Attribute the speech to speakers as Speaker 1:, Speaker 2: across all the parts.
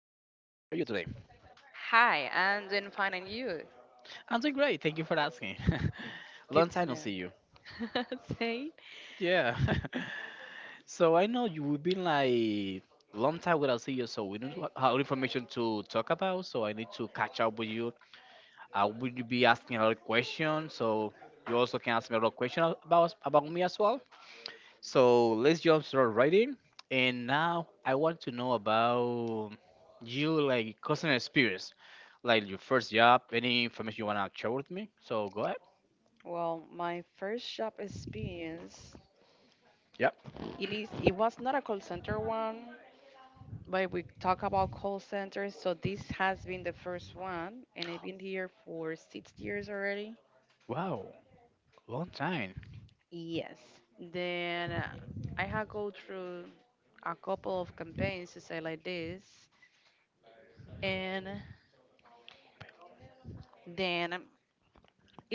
Speaker 1: today?
Speaker 2: Hi, I'm doing fine, and you?
Speaker 1: I'm doing great. Thank you for asking. Long
Speaker 2: Good
Speaker 1: time no
Speaker 2: to
Speaker 1: see
Speaker 2: know.
Speaker 1: you.
Speaker 2: Say.
Speaker 1: Yeah. So I know you have been like long time without see you, so we don't know how information to talk about. So I need to catch up with you. I will be asking a lot of questions, so you also can ask me a lot of questions about me as well. So let's jump right in. And now I want to know about you, like customer experience, like your first job. Any information you wanna share with me? So go ahead.
Speaker 2: Well, my first job experience,
Speaker 1: Yep.
Speaker 2: it was not a call center one, but we talk about call centers, so this has been the first one, and I've been here for 6 years already.
Speaker 1: Wow, long time.
Speaker 2: Yes. Then I had go through a couple of campaigns to say like this, and then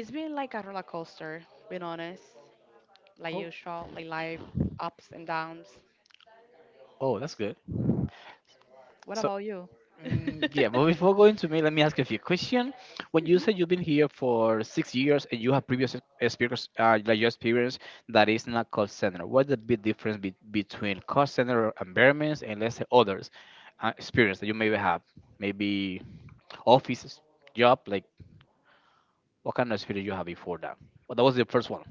Speaker 2: it's been like a roller coaster, being honest. Like
Speaker 1: Oh,
Speaker 2: usual, like life ups and downs.
Speaker 1: oh, that's good.
Speaker 2: What
Speaker 1: So
Speaker 2: about you?
Speaker 1: Yeah, but before going to me, let me ask you a few questions. When you say
Speaker 2: Mhm.
Speaker 1: you've been here for 6 years and you have previous experience, like your experience that is not call center, what's the big difference between call center environments and let's say others experience that you maybe have, maybe office job, like what kind of experience you have before that? Well, that was the first one.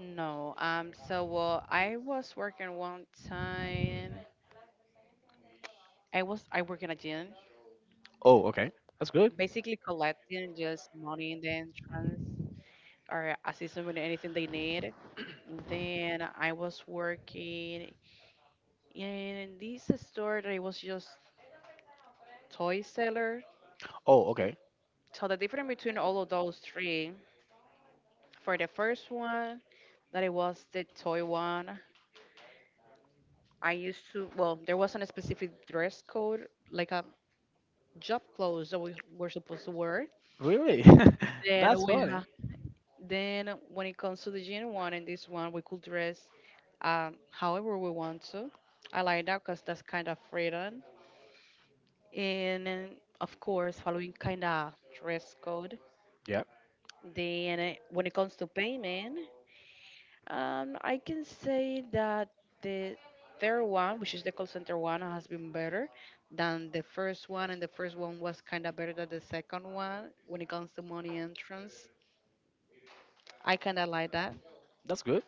Speaker 2: No. So, well, I was working one time. I work in a gym,
Speaker 1: Oh, okay, that's good.
Speaker 2: basically collecting just money in the entrance or assisting with anything they need. Then I was working in this store that it was just toy seller.
Speaker 1: Oh, okay,
Speaker 2: So the difference between all of those three, for the first one, that it was the toy one, I used to, well, there wasn't a specific dress code, like a job clothes that we were supposed to wear.
Speaker 1: really?
Speaker 2: Then
Speaker 1: That's
Speaker 2: we
Speaker 1: funny.
Speaker 2: ha- then when it comes to the jean one and this one, we could dress however we want to. I like that because that's kind of freedom. And then, of course, following kind of dress code.
Speaker 1: Yeah,
Speaker 2: Then When it comes to payment, I can say that the third one, which is the call center one, has been better than the first one, and the first one was kind of better than the second one when it comes to money entrance. I kind of like that.
Speaker 1: that's good.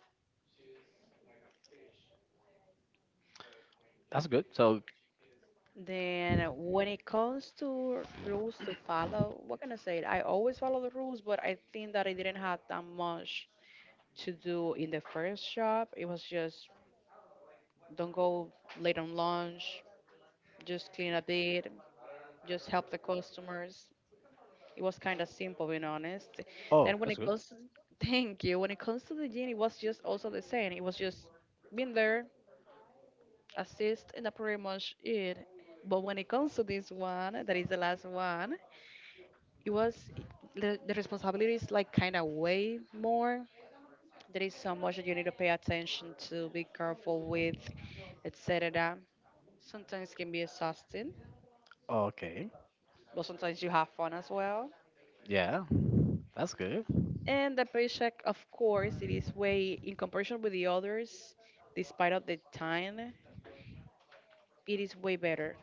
Speaker 1: That's good. So
Speaker 2: Then When it comes to rules to follow, what can I say? I always follow the rules, but I think that I didn't have that much to do in the first shop. It was just don't go late on lunch, just clean a bit, just help the customers. It was kind of simple, being honest.
Speaker 1: oh,
Speaker 2: Then when
Speaker 1: that's
Speaker 2: it
Speaker 1: good.
Speaker 2: goes to, thank you, when it comes to the gym, it was just also the same. It was just being there, assist, and that pretty much it. But when it comes to this one, that is the last one, it was the responsibility is like kind of way more. There is so much that you need to pay attention to, be careful with, etc. Sometimes it can be exhausting,
Speaker 1: Okay.
Speaker 2: but sometimes you have fun as well.
Speaker 1: Yeah, that's good.
Speaker 2: And the paycheck, of course, it is way in comparison with the others, despite of the time, it is way better.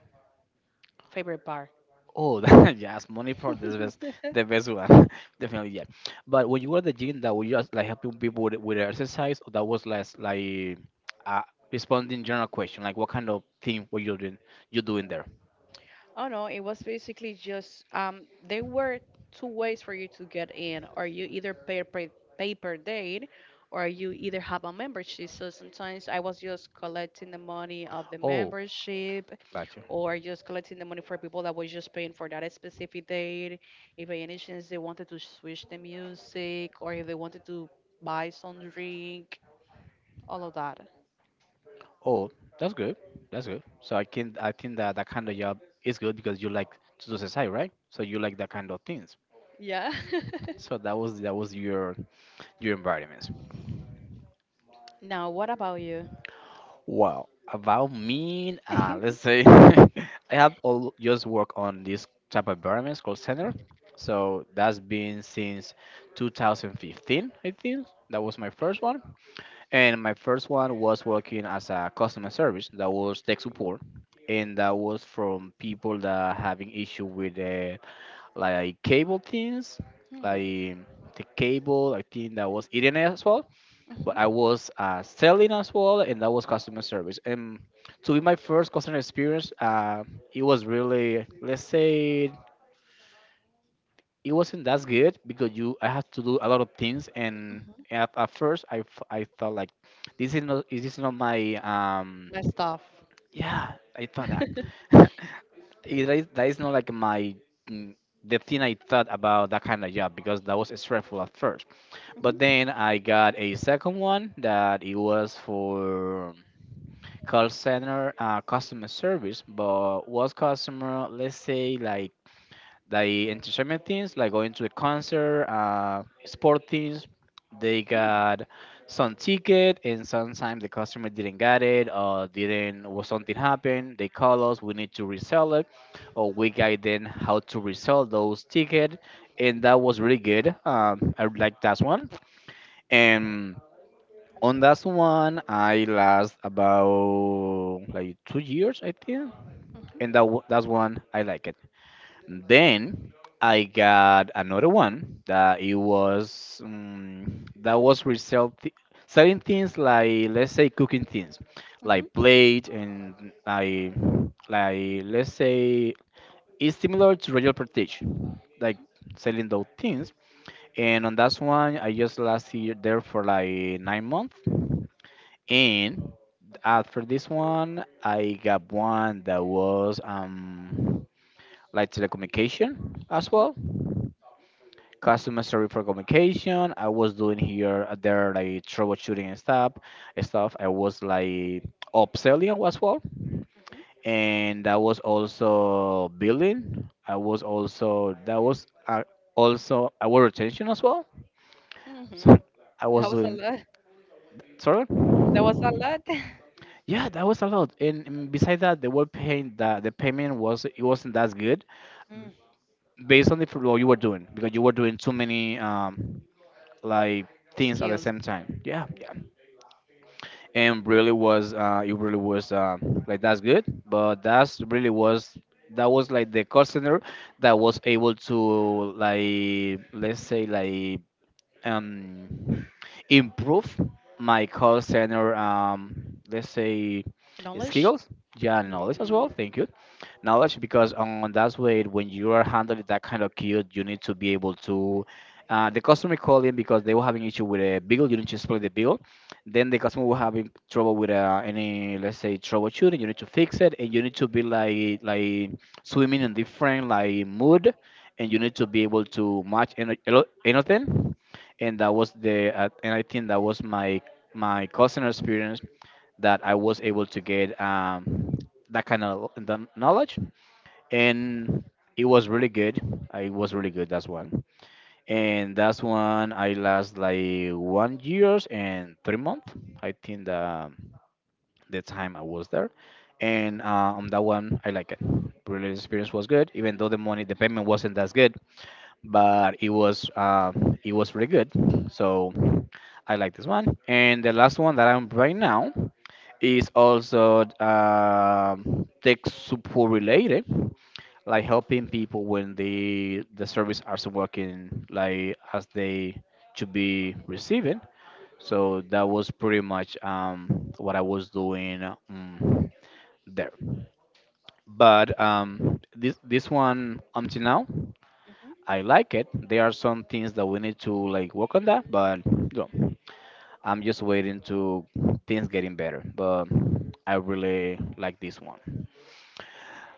Speaker 2: Favorite part.
Speaker 1: Oh, that, yes, money for the best one, definitely. Yeah. But when you were at the gym, that was just like helping people with exercise, or that was less like uh, responding general question, like what kind of thing were you doing? You doing there?
Speaker 2: Oh no, it was basically just there were two ways for you to get in, or you either pay per date, or you either have a membership. So sometimes I was just collecting the money of the
Speaker 1: Oh,
Speaker 2: membership,
Speaker 1: gotcha.
Speaker 2: or just collecting the money for people that was just paying for that specific date. If by any chance they wanted to switch the music, or if they wanted to buy some drink, all of that.
Speaker 1: Oh, that's good. That's good. So I can I think that that kind of job is good because you like to do exercise, right? So you like that kind of things.
Speaker 2: Yeah.
Speaker 1: So that was your environments.
Speaker 2: Now, what about you?
Speaker 1: Well, about me, let's say I have all just worked on this type of environments called center. So that's been since 2015, I think. That was my first one, and my first one was working as a customer service. That was tech support, and that was from people that having issue with like cable things,
Speaker 2: Hmm.
Speaker 1: like the cable. I think that was Internet as well, but
Speaker 2: Hmm.
Speaker 1: I was selling as well, and that was customer service. And to be my first customer experience, it was really, let's say, it wasn't that good because you I had to do a lot of things, and at first I thought like, this is not is this not my
Speaker 2: My stuff.
Speaker 1: yeah, I thought that it is, that is not like my mm, the thing I thought about that kind of job because that was stressful at first. But then I got a second one that it was for call center customer service, but was customer, let's say, like the entertainment things, like going to a concert, sport things. They got some ticket, and sometimes the customer didn't get it, or didn't, or something happened. They call us, we need to resell it, or we guide them how to resell those ticket, and that was really good. I like that one, and on that one, I last about like 2 years, I think, and that's one I like it. Then I got another one that it was that was selling things like let's say cooking things,
Speaker 2: Mhm, mhm,
Speaker 1: like plate and like let's say it's similar to Royal Prestige, like selling those things. And on that one, I just last year there for like 9 months, and as for this one, I got one that was like telecommunication as well. Customer service for communication. I was doing here there like troubleshooting and stuff. I was like upselling as well.
Speaker 2: mhm,
Speaker 1: And I was also billing. I was also that was also I was retention as well.
Speaker 2: mhm, mhm.
Speaker 1: So I
Speaker 2: That
Speaker 1: was
Speaker 2: was a
Speaker 1: doing
Speaker 2: lot.
Speaker 1: sorry.
Speaker 2: That was a lot.
Speaker 1: Yeah, that was a lot. And besides that, they were paying that the payment was it wasn't that good
Speaker 2: Mm.
Speaker 1: based on the football you were doing because you were doing too many like things at the
Speaker 2: Skills.
Speaker 1: same time. Yeah, yeah. And really was it really was like that's good, but that's really was that was like the call center that was able to like let's say like um improve my call center let's say
Speaker 2: Knowledge.
Speaker 1: skills, yeah, knowledge as
Speaker 2: Hmm.
Speaker 1: well, thank you, knowledge because on that way when you are handling that kind of queue you need to be able to the customer called in because they were having issue with a bill you need to split the bill, then the customer will having trouble with any let's say troubleshooting you need to fix it and you need to be like swimming in different like mood and you need to be able to match anything. And that was the and I think that was my my customer experience that I was able to get that kind of the knowledge. And it was really good, I was really good, that's one. And that's one I last like 1 years and 3 months, I think, the time I was there. And on that one I like it, really the experience was good even though the money the payment wasn't as good, but it was pretty good. So I like this one. And the last one that I'm right now is also tech support related, like helping people when the service aren't working like as they should be receiving. So that was pretty much what I was doing there. But this one until now
Speaker 2: Hmm.
Speaker 1: I like it. There are some things that we need to like work on that, but no, I'm just waiting to things getting better. But I really like this one.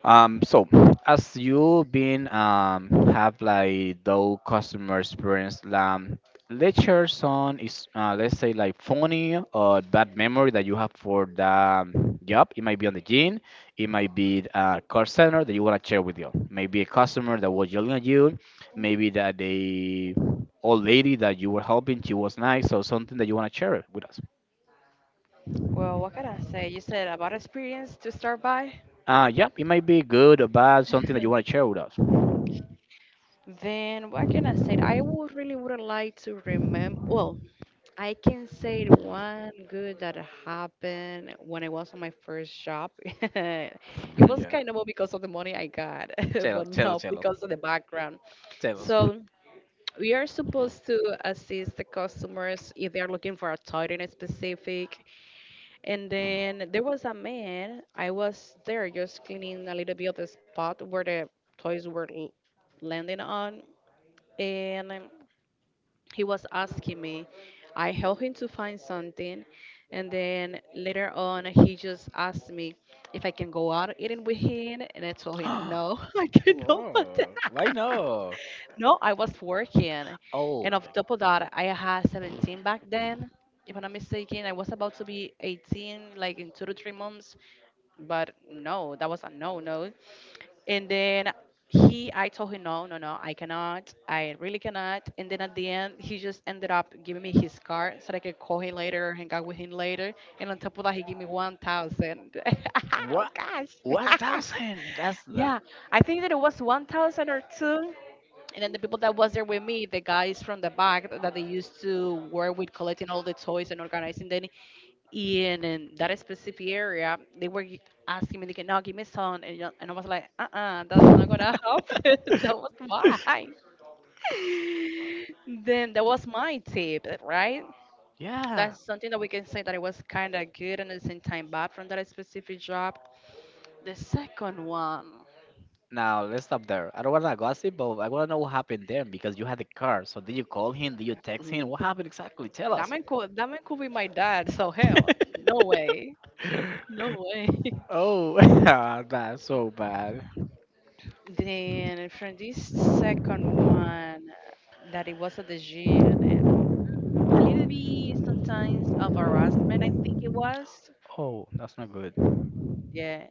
Speaker 1: So as you been have like those customer experience, let's share some is let's say like funny or bad memory that you have for the job. It might be on the gym, it might be a call center that you wanna share with you. Maybe a customer that was yelling at you, maybe that the old lady that you were helping, she was nice, so something that you wanna share with us.
Speaker 2: Well, what can I say? You said about experience to start by.
Speaker 1: Yeah, it might be good or bad, something that you wanna share with us.
Speaker 2: Then what can I say? I would really would like to remember. Well, I can say the one good that happened when I was on my first job. It was
Speaker 1: Yeah.
Speaker 2: kind of because of the money I got,
Speaker 1: Tell,
Speaker 2: but
Speaker 1: tell,
Speaker 2: not
Speaker 1: tell,
Speaker 2: because of the background.
Speaker 1: tell us.
Speaker 2: So we are supposed to assist the customers if they are looking for a toy in a specific. And then there was a man, I was there just cleaning a little bit of the spot where the toys were l- landing on. And he was asking me, I helped him to find something. And then later on, he just asked me if I can go out eating with him. And I told him, no,
Speaker 1: I told him
Speaker 2: I
Speaker 1: no.
Speaker 2: cannot.
Speaker 1: Whoa, why not?
Speaker 2: No, I was working.
Speaker 1: Oh,
Speaker 2: And on
Speaker 1: okay.
Speaker 2: top of that, I had 17 back then. If I'm not mistaken, I was about to be 18, like in 2 to 3 months. But no, that was a no, no. And then he, I told him, no, no, no, I cannot. I really cannot. And then at the end, he just ended up giving me his card so that I could call him later, hang out with him later. And on top of that, he gave me 1,000. Oh,
Speaker 1: What?
Speaker 2: gosh.
Speaker 1: Yeah, 1,000? That's that?
Speaker 2: Yeah, I think that it was 1,000 or two. And then the people that was there with me, the guys from the back that they used to work with collecting all the toys and organizing them in that specific area, asking me, like, no, give me some. And, and I was like, uh-uh, that's not going to happen. That was mine. Then that was my tip, right?
Speaker 1: Yeah.
Speaker 2: That's something that we can say that it was kind of good and at the same time bad from that specific job. The second one,
Speaker 1: Now let's stop there. I don't wanna gossip, but I wanna know what happened then because you had the car. So did you call him? Did you text him?
Speaker 2: mm,
Speaker 1: What happened exactly? Tell us.
Speaker 2: that man could be my dad, so hell, no way. No way.
Speaker 1: Oh, ah, that's so bad.
Speaker 2: Then from this second one, that it was at the gym, and a little bit sometimes of harassment, I think it was.
Speaker 1: Oh, that's not good.
Speaker 2: Yeah.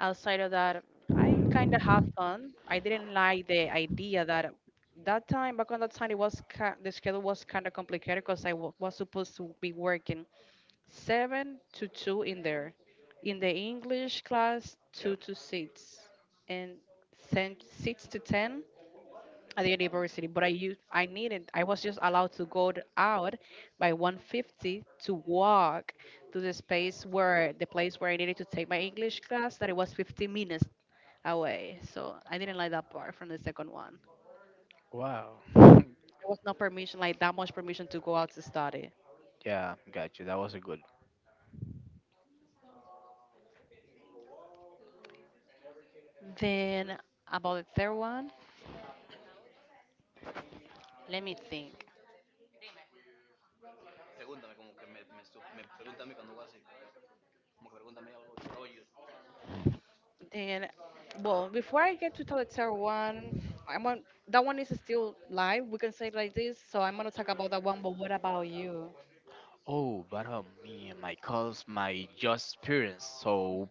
Speaker 2: Outside of that, I kind of had fun. I didn't like the idea that that time back on that time it was ki the schedule was kind of complicated because was supposed to be working 7 to 2 in there, in the English class
Speaker 1: Yeah.
Speaker 2: 2 to 6, and 6 to 10 at the university, but I used I needed I was just allowed to out by 150 to walk to the place where I needed to take my English class that it was 15 minutes away. So I didn't like that part from the second one.
Speaker 1: Wow.
Speaker 2: There was no permission, like that much permission to go out to study.
Speaker 1: Yeah, got you. That was a good.
Speaker 2: Then about the third one, let me think. Then, well, before I get to the third one, I'm on that one is still live. We can say it like this. So I'm gonna talk about that one. But what about you?
Speaker 1: Oh, but me and my cause my just experience. So,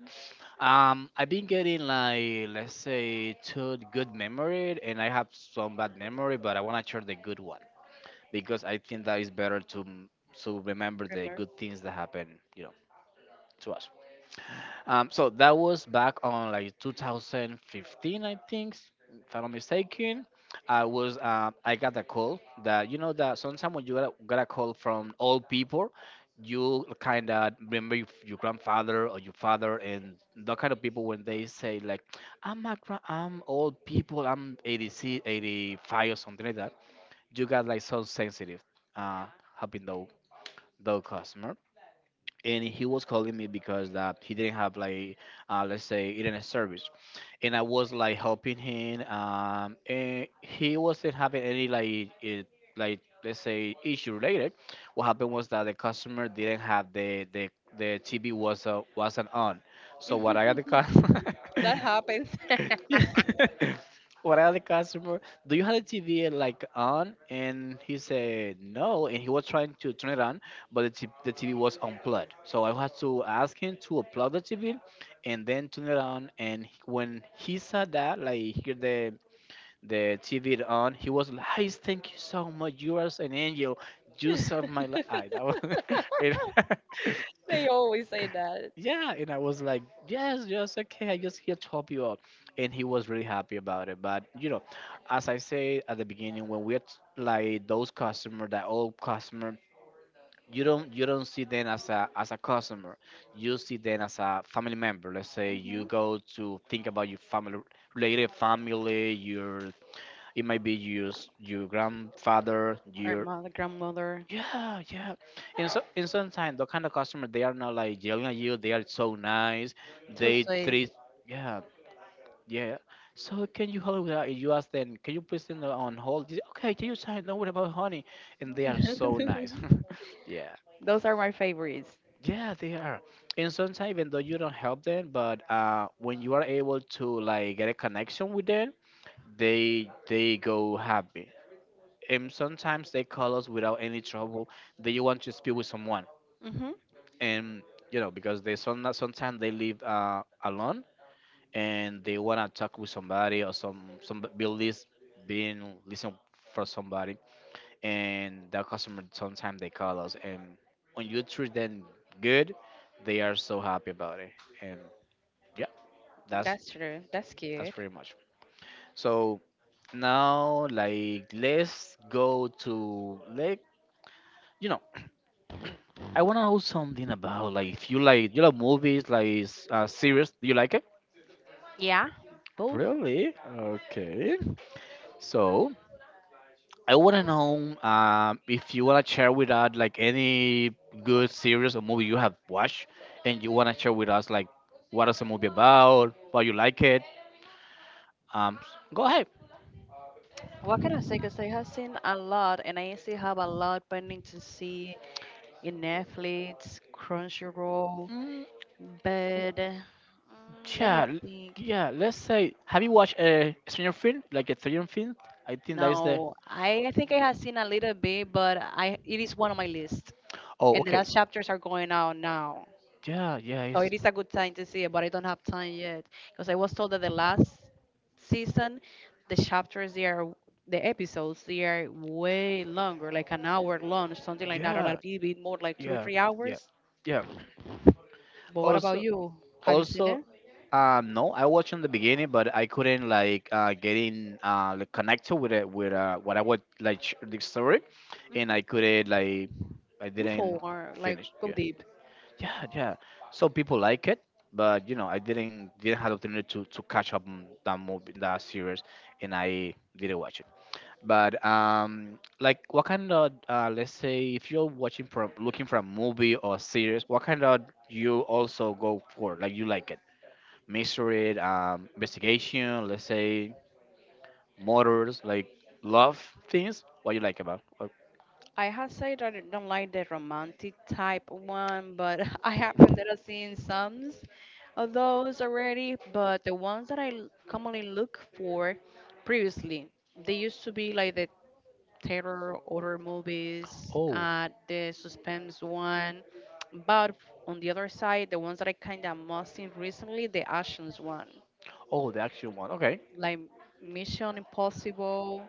Speaker 1: I've been getting like let's say two good memory, and I have some bad memory, but I wanna share the good one because I think that is better to remember the
Speaker 2: Remember?
Speaker 1: good things that happen, you know, to us. So that was back on like 2015, I think, if I'm not mistaken. I was I got a call that you know that sometimes when you got got a call from old people, you kind of remember your grandfather or your father and that kind of people when they say like I'm a I'm old people I'm 86, 85 or something like that. You got like so sensitive, uh, helping those customer. And he was calling me because that he didn't have like let's say internet service, and I was like helping him and he wasn't having any like it, like let's say issue related. What happened was that the customer didn't have the TV was wasn't on. So what I got the customer
Speaker 2: That happens.
Speaker 1: what other customer do you have the TV like on, and he said no and he was trying to turn it on, but the TV was unplugged, so I had to ask him to unplug the TV and then turn it on. And when he saw that like here the TV on he was like, "Hey, thank you so much, you are an angel, you saved my life." That was it
Speaker 2: They always say that.
Speaker 1: Yeah, and I was like, yes, yes, okay, I just here to help you out. And he was really happy about it. But, you know, as I say at the beginning, like those customer, that old customer, you don't see them as a customer. You see them as a family member. Let's say you
Speaker 2: Hmm.
Speaker 1: go to think about your family related family, your it might be your your grandfather,
Speaker 2: Our mother, grandmother.
Speaker 1: yeah, yeah. In some time, the kind of customer they are not like yelling at you. They are so nice.
Speaker 2: So
Speaker 1: They
Speaker 2: sweet.
Speaker 1: treat. Yeah, yeah. So can you help with that? You ask them. Can you please send on hold? They say, okay, take your time. Don't worry about honey. And they are so nice. yeah,
Speaker 2: Those are my favorites.
Speaker 1: yeah, they are. And sometimes even though you don't help them, but when you are able to like get a connection with them, they go happy. And sometimes they call us without any trouble. They want to speak with someone
Speaker 2: Hmm.
Speaker 1: and you know because they some sometimes they live alone and they wanna talk with somebody or some builders being listen for somebody and the customer sometimes they call us and when you treat them good they are so happy about it and yeah that's
Speaker 2: That's true. That's
Speaker 1: that's
Speaker 2: cute.
Speaker 1: pretty much so now like let's go to like you know I want to know something about like if you like you love movies like series, do you like it?
Speaker 2: Yeah, both.
Speaker 1: Really? Okay. So I want to know, if you want to share with us like any good series or movie you have watched, and you want to share with us like what is the movie about, why you like it. Um, s- Go ahead.
Speaker 2: What can I say? Because I have seen a lot, and I still have a lot pending to see in Netflix, Crunchyroll,
Speaker 1: Mm,
Speaker 2: but mm, let me
Speaker 1: yeah, l-
Speaker 2: think.
Speaker 1: yeah. Let's say, have you watched a Stranger Things? Like a Stranger Things? I think that is the.
Speaker 2: No, I think I have seen a little bit, but I it is one of my list.
Speaker 1: Oh,
Speaker 2: And the
Speaker 1: okay.
Speaker 2: last chapters are going out now.
Speaker 1: Yeah, yeah.
Speaker 2: So
Speaker 1: It's,
Speaker 2: it is a good time to see it, but I don't have time yet because I was told that the last season, the chapters they are the episodes they are way longer, like an hour long, something like that, or a
Speaker 1: yeah,
Speaker 2: bit, more, like two or
Speaker 1: yeah,
Speaker 2: three
Speaker 1: yeah,
Speaker 2: hours.
Speaker 1: yeah.
Speaker 2: But what about
Speaker 1: Also,
Speaker 2: you? Have you seen
Speaker 1: also.
Speaker 2: it?
Speaker 1: No, I watched in the beginning, but I couldn't like getting like, connected with it with what I would like the story, and I couldn't like I
Speaker 2: Mm,
Speaker 1: didn't
Speaker 2: four, like
Speaker 1: finish.
Speaker 2: go
Speaker 1: Yeah,
Speaker 2: deep.
Speaker 1: yeah, yeah. So people like it, but you know I didn't have the opportunity to catch up on that movie that series, and I didn't watch it. But like what kind of let's say if you're watching for looking for a movie or series, what kind of you also go for like you like it mystery, investigation, let's say motors, like love things. What you like about? Oh,
Speaker 2: I have said that I don't like the romantic type one, but I have ended up seeing some of those already. But the ones that commonly look for previously, they used to be like the terror horror movies,
Speaker 1: oh,
Speaker 2: the suspense one. But on the other side, the ones that I kind of must seen recently, the actions one,
Speaker 1: oh, the actual one. Okay.
Speaker 2: like Mission Impossible,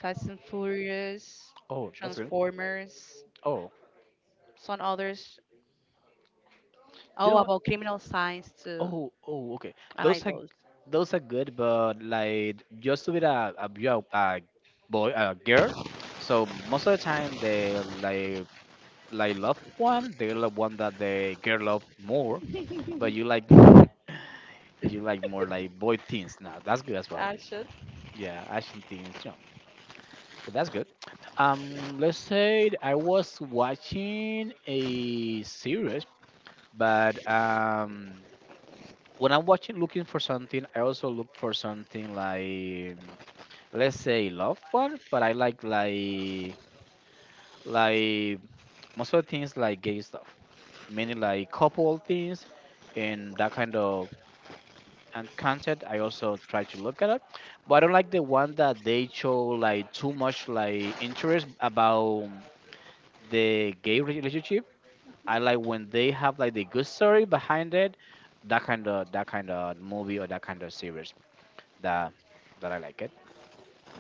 Speaker 2: Fast and Furious,
Speaker 1: Oh, that's good.
Speaker 2: Transformers,
Speaker 1: Oh,
Speaker 2: some others.
Speaker 1: you
Speaker 2: Oh,
Speaker 1: know what?
Speaker 2: about criminal science too.
Speaker 1: Oh, oh, okay.
Speaker 2: I
Speaker 1: Those
Speaker 2: like
Speaker 1: are
Speaker 2: those.
Speaker 1: those are good, but like just with a boy, a girl. So most of the time they like love one, they love one that the girl love more, but you like. You like more like boy things. Now that's good as well.
Speaker 2: I should.
Speaker 1: Yeah, action things, you know. But that's good. Let's say that I was watching a series, but when I'm watching, looking for something, I also look for something like, let's say, love one. But I like like most of the things like gay stuff, mainly like couple things and that kind of and content. I also try to look at it, but I don't like the one that they show like too much like interest about the gay relationship. I like when they have like the good story behind it. That kind of movie or that kind of series that that I like it.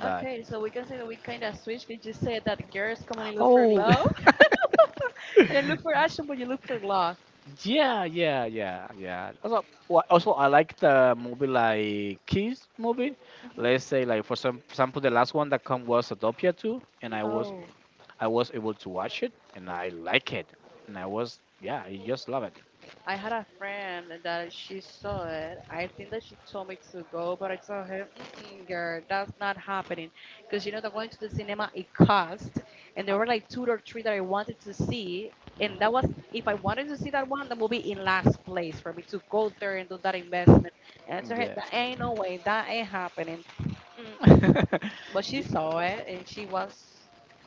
Speaker 1: But
Speaker 2: Okay, so we can say that we kind of switched because you said that girls commonly look for
Speaker 1: oh,
Speaker 2: love, and I look for action, but you look for love.
Speaker 1: yeah, yeah, yeah, yeah. Also, also I like the movie like Kiss movie.
Speaker 2: Hmm.
Speaker 1: Let's say like for some for example the last one that come was Zootopia 2 and
Speaker 2: Oh.
Speaker 1: I was able to watch it and I like it and I was yeah, I just love it.
Speaker 2: I had a friend that she saw it. I think that she told me to go, but I told her, mm-mm, girl, that's not happening. Because, you know, the going to the cinema, it cost. And there were like two or three that I wanted to see. And that was, if I wanted to see that one, the movie in last place for me to go there and do that investment. And I told her,
Speaker 1: Yeah.
Speaker 2: that ain't no way, that ain't happening. Mm-mm. But she
Speaker 1: Y-
Speaker 2: saw it and she was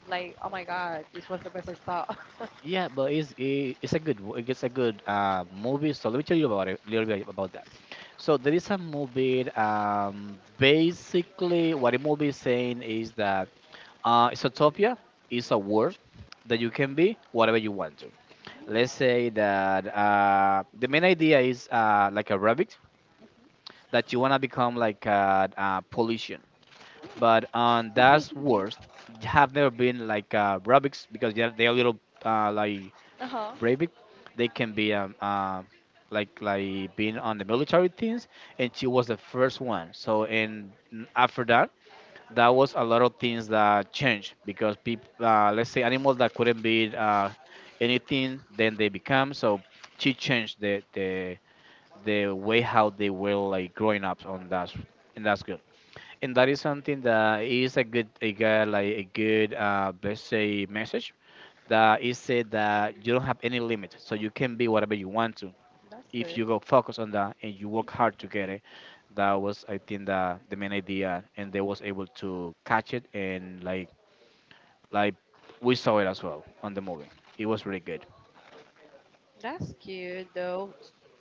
Speaker 2: like, oh my God, this was the best I saw.
Speaker 1: yeah, but it's it's a good it's a good movie. So let me tell you about it a little bit about that. So there is a movie. Basically, what the movie is saying is that isotopia is a world that you can be whatever you want to. Let's say that the main idea is like a rabbit that you wanna become like a politician, but on that world you have never been like rabbits because they're a little uh, like
Speaker 2: Uh huh.
Speaker 1: brave. They can be like being on the military things, and she was the first one. So and after that that was a lot of things that changed because people, let's say animals that couldn't be anything, then they become. So she changed the way how they were like growing up on that, and that's good. And that is something that is a good like a good, let's say message that is said that you don't have any limit, so you can be whatever you want to
Speaker 2: That's
Speaker 1: if
Speaker 2: good.
Speaker 1: you go focus on that and you work hard to get it that was, I think, the main idea, and they was able to catch it, and like we saw it as well on the movie. It was really good.
Speaker 2: That's cute, though.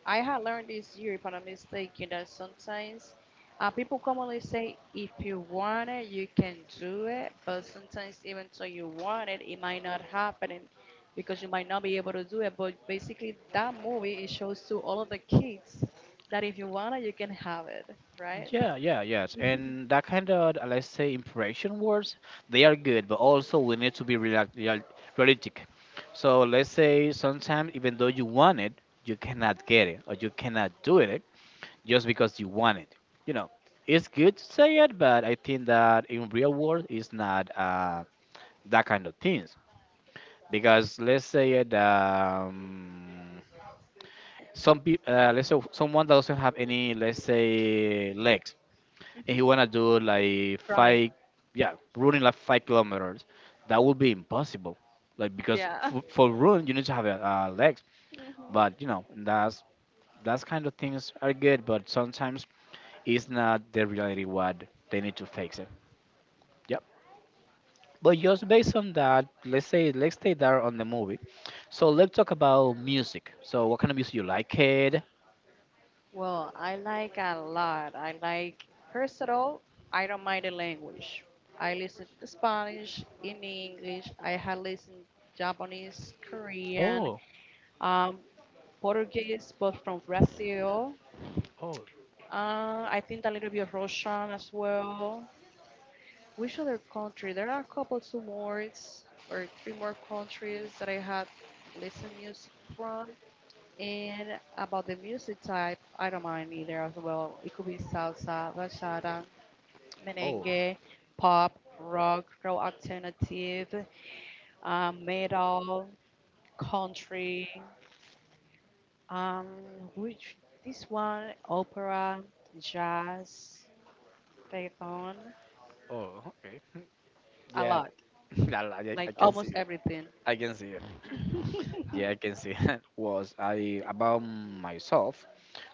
Speaker 2: I had learned this year, if I'm not mistaken, that sometimes people commonly say, if you want it, you can do it. But sometimes, even though you want it, it might not happen because you might not be able to do it. But basically, that movie it shows to all of the kids that if you want it, you can have it, right?
Speaker 1: Yeah, yeah, yes,
Speaker 2: Hmm.
Speaker 1: and that kind of let's say impression words, they are good, but also we need to be realistic. So let's say sometimes even though you want it, you cannot get it, or you cannot do it just because you want it. You know, it's good to say it, but I think that in real world, it's not that kind of things. Because let's say it some people let's say someone that doesn't have any let's say legs and he wanna do like
Speaker 2: Running,
Speaker 1: five yeah running like 5 kilometers that would be impossible like because
Speaker 2: yeah.
Speaker 1: for run you need to have legs
Speaker 2: Hmm.
Speaker 1: but you know that's kind of things are good but sometimes it's not the reality what they need to fix it. Yep. But just based on that, let's say let's stay there on the movie. So let's talk about music. So what kind of music you like it?
Speaker 2: Well, I like a lot. I like, first of all, I don't mind the language. I listen to Spanish, in English. I have listened Japanese, Korean,
Speaker 1: Oh,
Speaker 2: um, Portuguese, but from Brazil.
Speaker 1: oh,
Speaker 2: I think a little bit of Russian as well. Which other country? There are a couple two more or three more countries that I have listened music from. And about the music type, I don't mind either as well. It could be salsa, bachata,
Speaker 1: oh,
Speaker 2: merengue, pop, rock, rock alternative, metal, country, um, which opera, jazz, reggaeton,
Speaker 1: oh. Okay.
Speaker 2: a
Speaker 1: Yeah,
Speaker 2: lot, like
Speaker 1: I can
Speaker 2: almost
Speaker 1: see it.
Speaker 2: everything.
Speaker 1: I can see it. Yeah, I can see that was I about myself.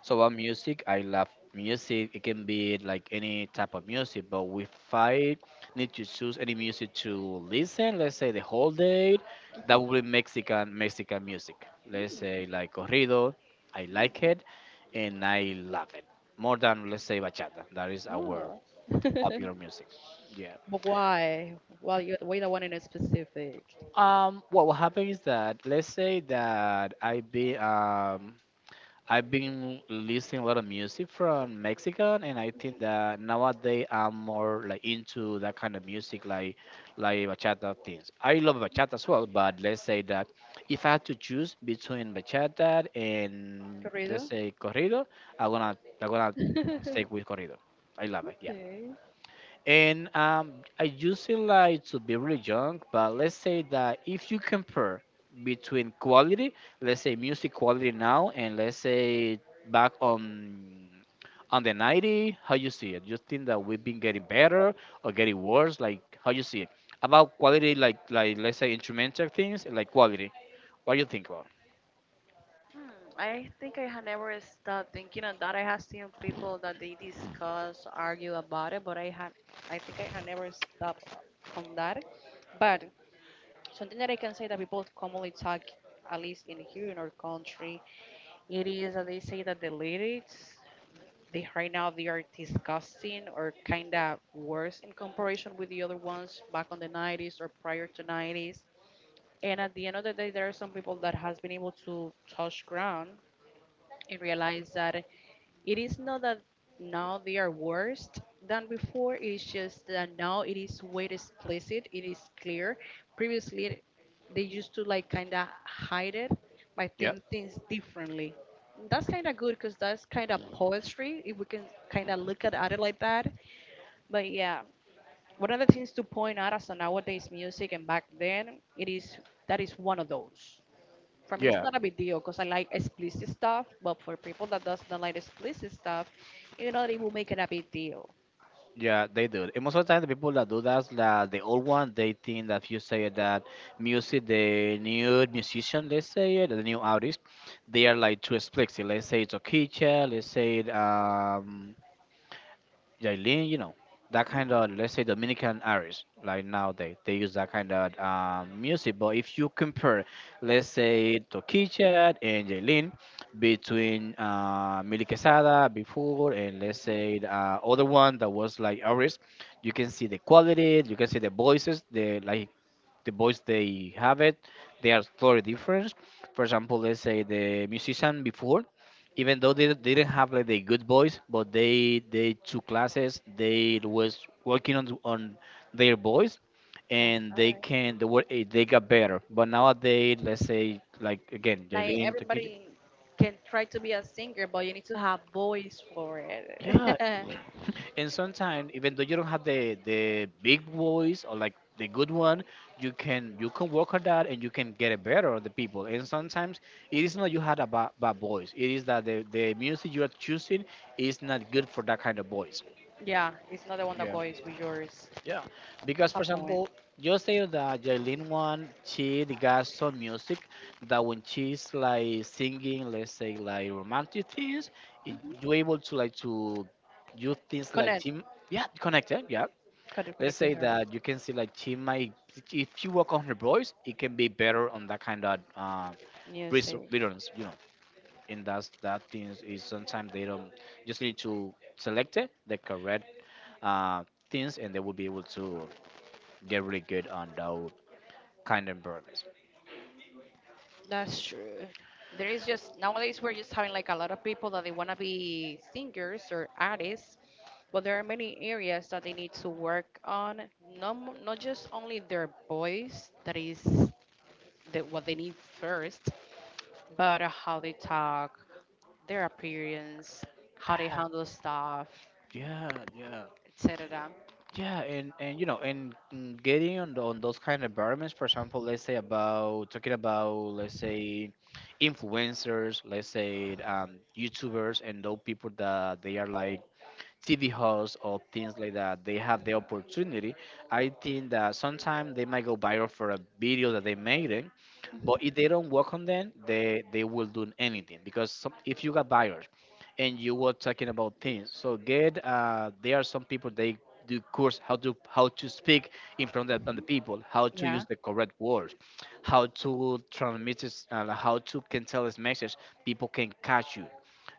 Speaker 1: So about music, I love music. It can be like any type of music, but if I need to choose any music to listen, let's say the whole day, that
Speaker 2: Mhm.
Speaker 1: would be Mexican music. Let's say like corrido. I like it and I love it. More than let's say bachata. That is our popular music. Yeah.
Speaker 2: But why? Well, we don't want any specific.
Speaker 1: What will happen is that let's say that I've been listening a lot of music from Mexican, and I think that nowadays I'm more like into that kind of music, like bachata things. I love bachata as well, but let's say that if I had to choose between bachata and let's
Speaker 2: Corrido?
Speaker 1: say corrido, I'm gonna stick with corrido. I love it. Yeah.
Speaker 2: Okay.
Speaker 1: And I usually like to be really young, but let's say that if you compare between quality, let's say music quality now, and let's say back on the 90, how you see it? You think that we've been getting better or getting worse? Like how you see it about quality, like let's say instrumental things, like quality. What do you think about?
Speaker 2: Hmm, I think I had never stopped thinking on that. I have seen people that they discuss, argue about it, but I think I had never stopped on that. But something that I can say that people commonly talk, at least in here in our country, it is that they say that the lyrics, they right now they are disgusting or kind of worse in comparison with the other ones back on the 90s or prior to 90s. And at the end of the day, there are some people that has been able to touch ground and realize that it is not that now they are worse than before, it's just that now it is way explicit, it is clear. Previously, they used to like kind of hide it by
Speaker 1: Yeah.
Speaker 2: saying things differently. That's kind of good because that's kind of poetry if we can kind of look at it like that. But yeah, one of the things to point out as to nowadays music and back then, it is that is one of those for me it's
Speaker 1: Yeah,
Speaker 2: not a big deal because I like explicit stuff, but for people that doesn't like explicit stuff, you know they will make it a big deal.
Speaker 1: yeah, they do. And most of the time, the people that do that, that the old one, they think that if you say that music, the new musician, let's say it, the new artist, they are like too explicit. Let's say it's Okicha, let's say it, Jailin, you know, that kind of let's say Dominican artists like nowadays they use that kind of music. But if you compare, let's say Tokicha and Jailin between Milly Quesada before and let's say the, other one that was like artists, you can see the quality, you can see the voices, the like the voice they have it they are totally different. For example, let's say the musician before, even though they didn't have like the good voice, but they took classes they was working on their voice
Speaker 2: That's
Speaker 1: and they
Speaker 2: right.
Speaker 1: can the word they got better but nowadays let's say like again
Speaker 2: Like
Speaker 1: Jalen.
Speaker 2: everybody can try to be a singer, but you need to have voice for it.
Speaker 1: Yeah, and sometimes even though you don't have the big voice or like the good one, you can work on that and you can get it better on the people. And sometimes it is not you had a bad voice; it is that the music you are choosing is not good for that kind of voice.
Speaker 2: Yeah, it's not the one that goes with yours.
Speaker 1: Yeah, because
Speaker 2: That's a
Speaker 1: for
Speaker 2: point.
Speaker 1: example, you say that Jailin one, she got some music that when she's like singing, let's say like romantic things, it, you're able to like to do things like
Speaker 2: Connect,
Speaker 1: team, yeah, connected, yeah. Let's
Speaker 2: connect with
Speaker 1: say
Speaker 2: her
Speaker 1: that you can see like she might, if you work on her voice, it can be better on that kind of
Speaker 2: music.
Speaker 1: rhythms, you know. And that things is sometimes they don't just need to select it, the correct uh, things, and they will be able to get really good on those kind of burgers.
Speaker 2: That's true. There is just nowadays we're just having like a lot of people that they want to be singers or artists, but there are many areas that they need to work on. Not just only their voice, that is the, what they need first, but how they talk, their appearance, how they
Speaker 1: That-
Speaker 2: handle stuff,
Speaker 1: yeah, yeah,
Speaker 2: etc.
Speaker 1: yeah, and getting on on those kind of environments. For example, let's say about talking about let's say influencers, let's say YouTubers, and those people that they are like TV hosts or things like that, they have the opportunity. I think that sometimes they might go viral for a video that they made it, but if they don't work on them, they will do anything because some, if you got viral and you were talking about things, so get there are some people they do course how to speak in front of the people, how to use the correct words, how to transmit this, how to can tell this message. People can catch you.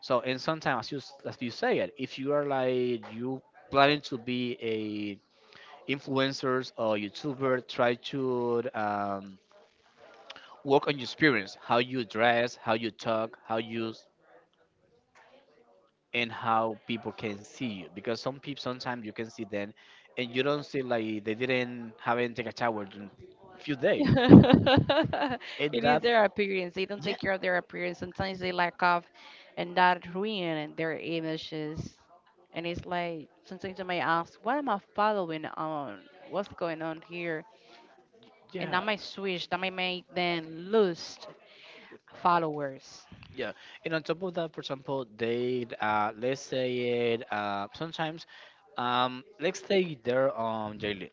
Speaker 1: So and sometimes as as you say it, if you are like you planning to be a influencers or YouTuber, try to work on your experience, how you dress, how you talk, and how people can see you. Because some people sometimes you can see them and you don't see like they didn't haven't take a shower in a few days. And
Speaker 2: It is
Speaker 1: that
Speaker 2: their appearance. They don't
Speaker 1: yeah,
Speaker 2: take care of their appearance. Sometimes they lack of, and that ruin their images. And it's like sometimes I may ask, what am I following on? What's going on here? And that
Speaker 1: yeah.
Speaker 2: might switch. That might make them lose followers.
Speaker 1: Yeah, and on top of that, for example, they let's say it sometimes let's take there Jaylin.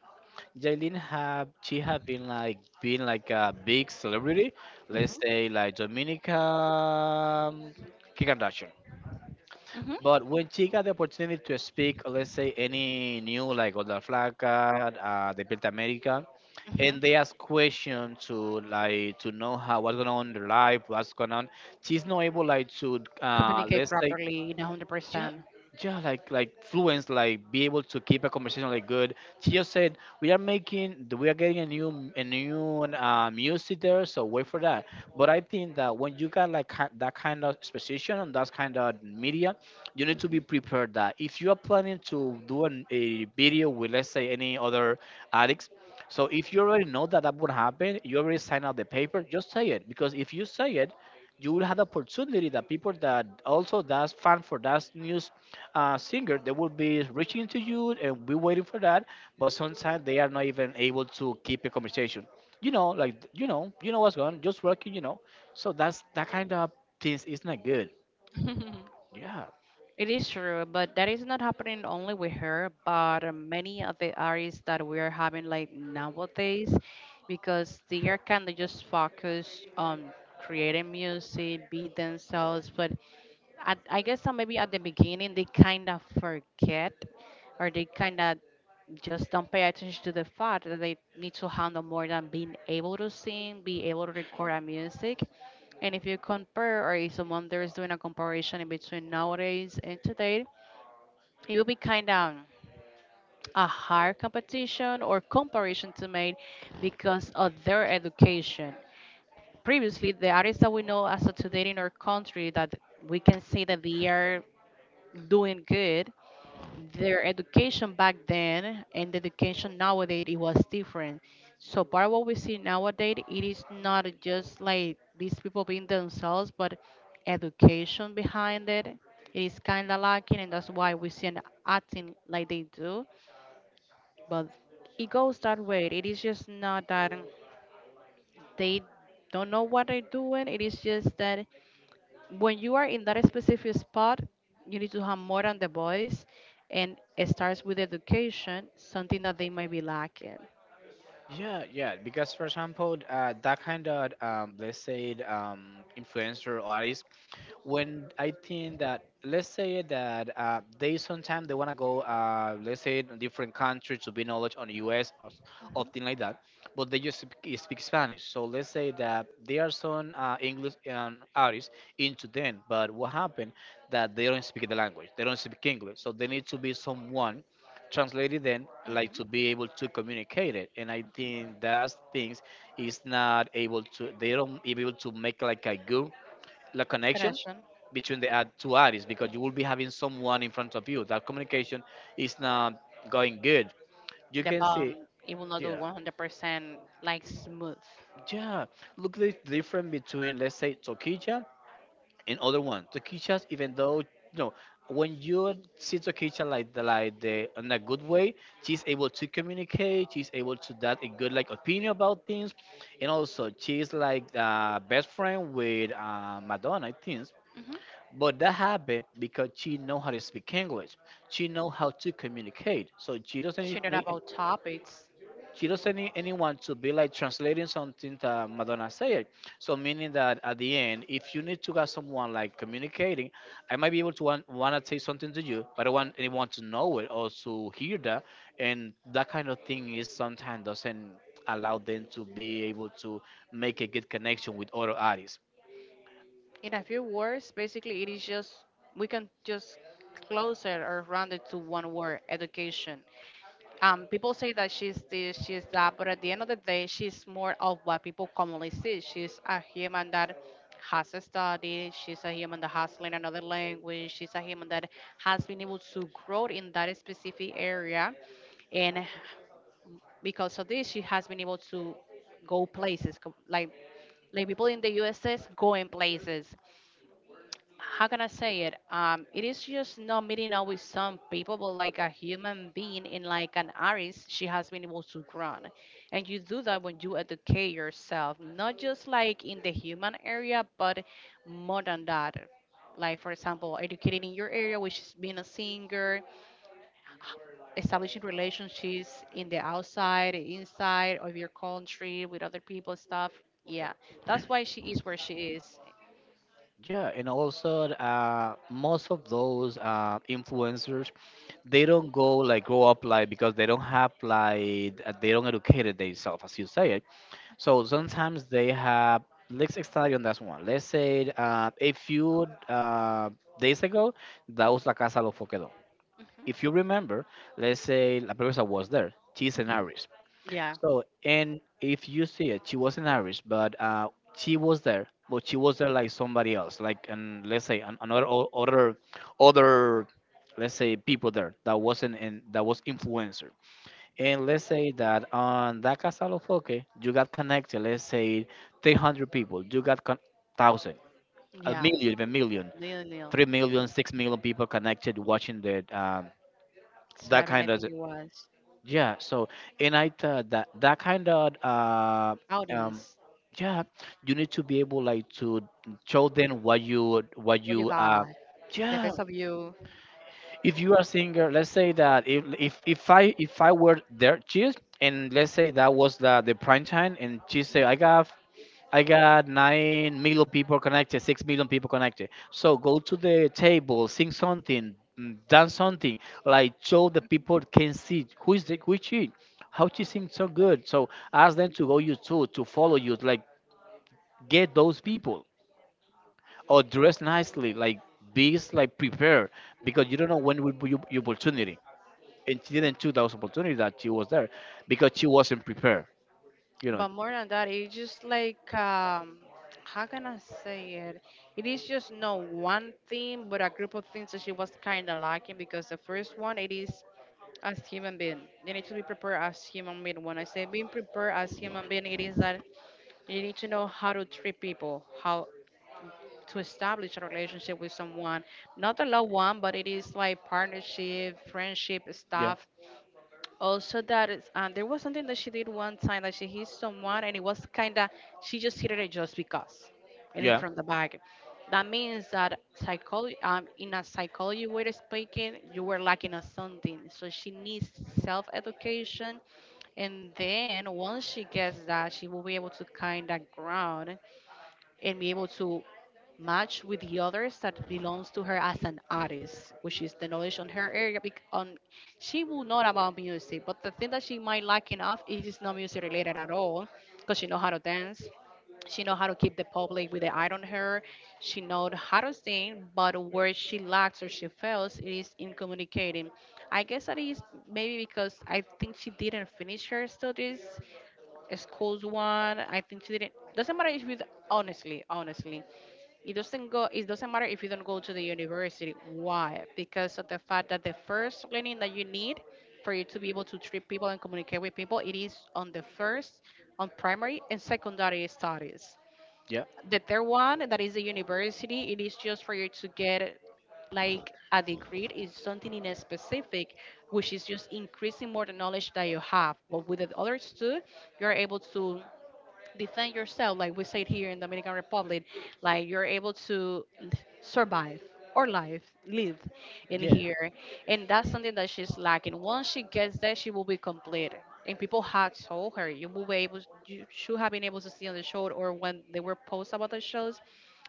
Speaker 1: Jaylin have she have been like a big celebrity. Let's
Speaker 2: Mhm.
Speaker 1: say like Dominica Kim Kardashian.
Speaker 2: Mhm.
Speaker 1: But when she got the opportunity to speak, let's say any new like Oda Flaca, the Built America,
Speaker 2: Mhm.
Speaker 1: and they ask questions to like to know how what's going on in their life, what's going on. She's not able like to
Speaker 2: Communicate
Speaker 1: let's say
Speaker 2: properly, one hundred
Speaker 1: yeah,
Speaker 2: percent.
Speaker 1: yeah, like fluence like be able to keep a conversation like good. She just said we are getting a new a new music there, so wait for that. But I think that when you got like that kind of exposition and that kind of media, you need to be prepared that if you are planning to do a video with let's say any other addicts, so if you already know that that would happen, you already signed out the paper, just say it. Because if you say it, you will have the opportunity that people that also that's fan for that news singer, they will be reaching to you and be waiting for that. But sometimes they are not even able to keep a conversation, you know, like you know what's going just working, you know. So that's that kind of things is not good. Yeah.
Speaker 2: It is true, but that is not happening only with her, but many of the artists that we are having like nowadays, because they are kind of just focused on creating music, be themselves, but at, I guess maybe at the beginning they kind of forget or they kind of just don't pay attention to the fact that they need to handle more than being able to sing, be able to record a music. And if you compare, or if someone there is doing a comparison in between nowadays and today, it will be kind of a hard competition or comparison to make because of their education. Previously, the artists that we know as of today in our country that we can say that they are doing good. Their education back then and the education nowadays it was different. So part of what we see nowadays it is not just like these people being themselves, but education behind it. It is kind of lacking, and that's why we see them acting like they do. But it goes that way. It is just not that they don't know what they're doing. It is just that when you are in that specific spot, you need to have more than the voice, and it starts with education, something that they might be lacking.
Speaker 1: Yeah, yeah. Because for example, that kind of let's say um, influencer or artist, when I think that let's say that they sometimes they want to go let's say in different countries to be knowledge on the US or thing like that, but they just speak Spanish. So let's say that there are some English artists into them, but what happened that they don't speak the language, they don't speak English, so they need to be someone translated then like
Speaker 2: Mhm.
Speaker 1: to be able to communicate it. And I think that things is not able to, they don't be able to make like a good the connection
Speaker 2: Connection,
Speaker 1: between two artists, because you will be having someone in front of you. That communication is not going good. You
Speaker 2: the
Speaker 1: can
Speaker 2: bond,
Speaker 1: see,
Speaker 2: it will not do
Speaker 1: yeah,
Speaker 2: 100% like smooth.
Speaker 1: yeah. Look the difference between, let's say, Tokija and other one. Tokijas, even though you know, when you see Tokija like the in a good way, she's able to communicate. She's able to that a good like opinion about things, and also she's like the best friend with Madonna, I think.
Speaker 2: Mhm.
Speaker 1: But that happened because she know how to speak English. She know how to communicate.
Speaker 2: Sharing about topics
Speaker 1: She doesn't need anyone to be like translating something that Madonna said. So meaning that at the end, if you need to have someone like communicating, I might be able to want to say something to you, but I want anyone to know it or to hear that. And that kind of thing is sometimes doesn't allow them to be able to make a good connection with other artists.
Speaker 2: in a few words, basically, it is just we can just close it or round it to one word: education. Um, people say that she's this, she's that, but at the end of the day, she's more of what people commonly see. She's a human that has studied, she's a human that has learned another language, she's a human that has been able to grow in that specific area. And because of this, she has been able to go places, like people in the USS going places how can I say it? It is just not meeting up with some people, but like a human being in like an artist, she has been able to grow. And you do that when you educate yourself, not just like in the human area, but more than that. Like for example, educating in your area, which is being a singer, establishing relationships in the outside, inside of your country with other people, stuff. Yeah, that's why she is where she is.
Speaker 1: Yeah, and also most of those influencers, they don't go like grow up like because they don't have like they don't educate themselves as you say it. So sometimes they have let's study on that one. Let's say a few days ago, that was La Casa de los Foquedos. If
Speaker 2: Hmm.
Speaker 1: you remember, let's say La Presa was there, she's an
Speaker 2: Hmm. Yeah.
Speaker 1: so, and if you see it, she wasn't Irish, but she was there, but she was there like somebody else, like and let's say another other let's say people there that wasn't in that was influencer. And let's say that on that Casa Lo Foque, you got connected. Let's say 300 people, thousand,
Speaker 2: Yeah.
Speaker 1: a million,
Speaker 2: Lilium,
Speaker 1: 3 million, 6 million people connected watching the that
Speaker 2: seven, I
Speaker 1: kind of
Speaker 2: think it was.
Speaker 1: yeah, so and I thought that that kind of um
Speaker 2: Audience,
Speaker 1: yeah, you need to be able like to show them what you what
Speaker 2: what you
Speaker 1: you uh
Speaker 2: got? The
Speaker 1: yeah.
Speaker 2: best of you.
Speaker 1: If you are a singer, let's say that if I were there, and let's say that was the prime time, and she say I got 9 million people connected, 6 million people connected. So go to the table, sing something, dance something, like show the people can see who is the, who is she, how she sings so good. So ask them to go you too, to follow you, like get those people or dress nicely, like be like prepared because you don't know when will be your opportunity. And she didn't choose those opportunity that she was there because she wasn't prepared. You know,
Speaker 2: But more than that, it's just like, how can I say it? it is just not one thing, but a group of things that she was kind of lacking because the first one, it is as human being. You need to be prepared as human being. When I say being prepared as human being, it is that you need to know how to treat people, how to establish a relationship with someone, not a love one, but it is like partnership, friendship
Speaker 1: yeah,
Speaker 2: stuff. Also, that is, there was something that she did one time that she hit someone, and it was kind of she just hit it just because, and in
Speaker 1: yeah,
Speaker 2: from the back. That means that psychology, in a psychology way of speaking, you were lacking of something. So she needs self education, and then once she gets that, she will be able to kind of ground and be able to match with the others that belongs to her as an artist, which is the knowledge on her area. On she will know about music, but the thing that she might lack enough it is not music related at all, because she know how to dance. She know how to keep the public with the eye on her. She know how to sing, but where she lacks or she fails is in communicating. I guess that is maybe because I think she didn't finish her studies, schools one. I think she didn't. Doesn't matter if it's honestly, honestly. It doesn't go. It doesn't matter if you don't go to the university. Why? Because of the fact that the first learning that you need for you to be able to treat people and communicate with people, it is on on primary and secondary studies.
Speaker 1: yeah,
Speaker 2: The third one, that is the university, it is just for you to get like a degree is something in a specific, which is just increasing more the knowledge that you have. But with the others too, you're able to defend yourself, like we said here in Dominican Republic, like you're able to l- survive or live, live in
Speaker 1: yeah.
Speaker 2: here. And that's something that she's lacking. Once she gets there, she will be complete. And people had told her, you should have been able to see on the show or when they were posts about the shows,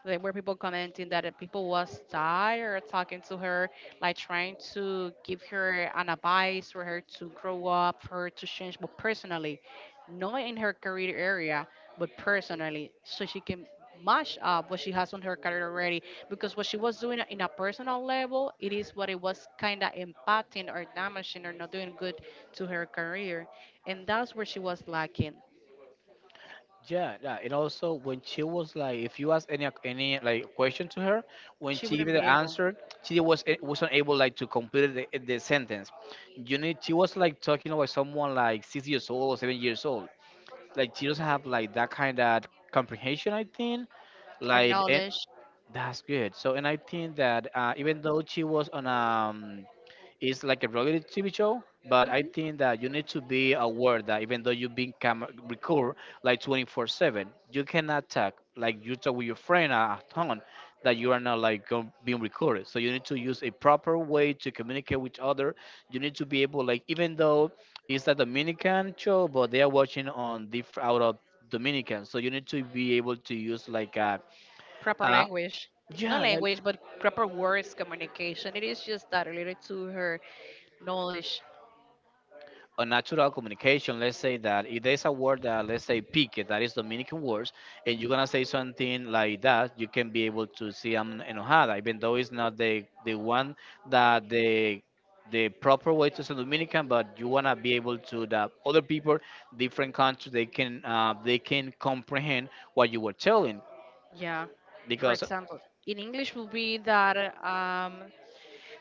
Speaker 2: there were people commenting that people was tired talking to her, like trying to give her an advice for her to grow up, for her to change, but personally, not in her career area but personally, so she can mash up what she has on her career already. Because what she was doing in a personal level, it is what it was kind of impacting or damaging or not doing good to her career, and that's where she was lacking.
Speaker 1: Yeah, yeah, and also when she was like, if you ask any like question to her, when
Speaker 2: She
Speaker 1: she gave
Speaker 2: wouldn't
Speaker 1: the
Speaker 2: be able
Speaker 1: answer, wasn't able like to complete the sentence. You need she was like talking about someone like 6 years old or 7 years old. Like she doesn't have like that kind of comprehension. I think
Speaker 2: or
Speaker 1: like and
Speaker 2: knowledge,
Speaker 1: that's good. So and I think that even though she was on a it's like a reality TV show, but I
Speaker 2: mhm,
Speaker 1: think that you need to be aware that even though record like 24/7, you cannot talk like you talk with your friend at home that you are not like being recorded. So you need to use a proper way to communicate with other. You need to be able like even though it's a Dominican show, but they are watching on different out of Dominican, so you need to be able to use like a
Speaker 2: proper
Speaker 1: uh
Speaker 2: language. Not
Speaker 1: yeah like
Speaker 2: language, but proper words communication. It is just that related to her knowledge.
Speaker 1: a natural communication. Let's say that if there's a word that let's say pique that is Dominican words and you're gonna say something like that, you can be able to see I'm enojada, even though it's not the one that the proper way to say Dominican, but you want to be able to that other people different countries they can comprehend what you were telling,
Speaker 2: Yeah. For
Speaker 1: because
Speaker 2: example, in English would be that um,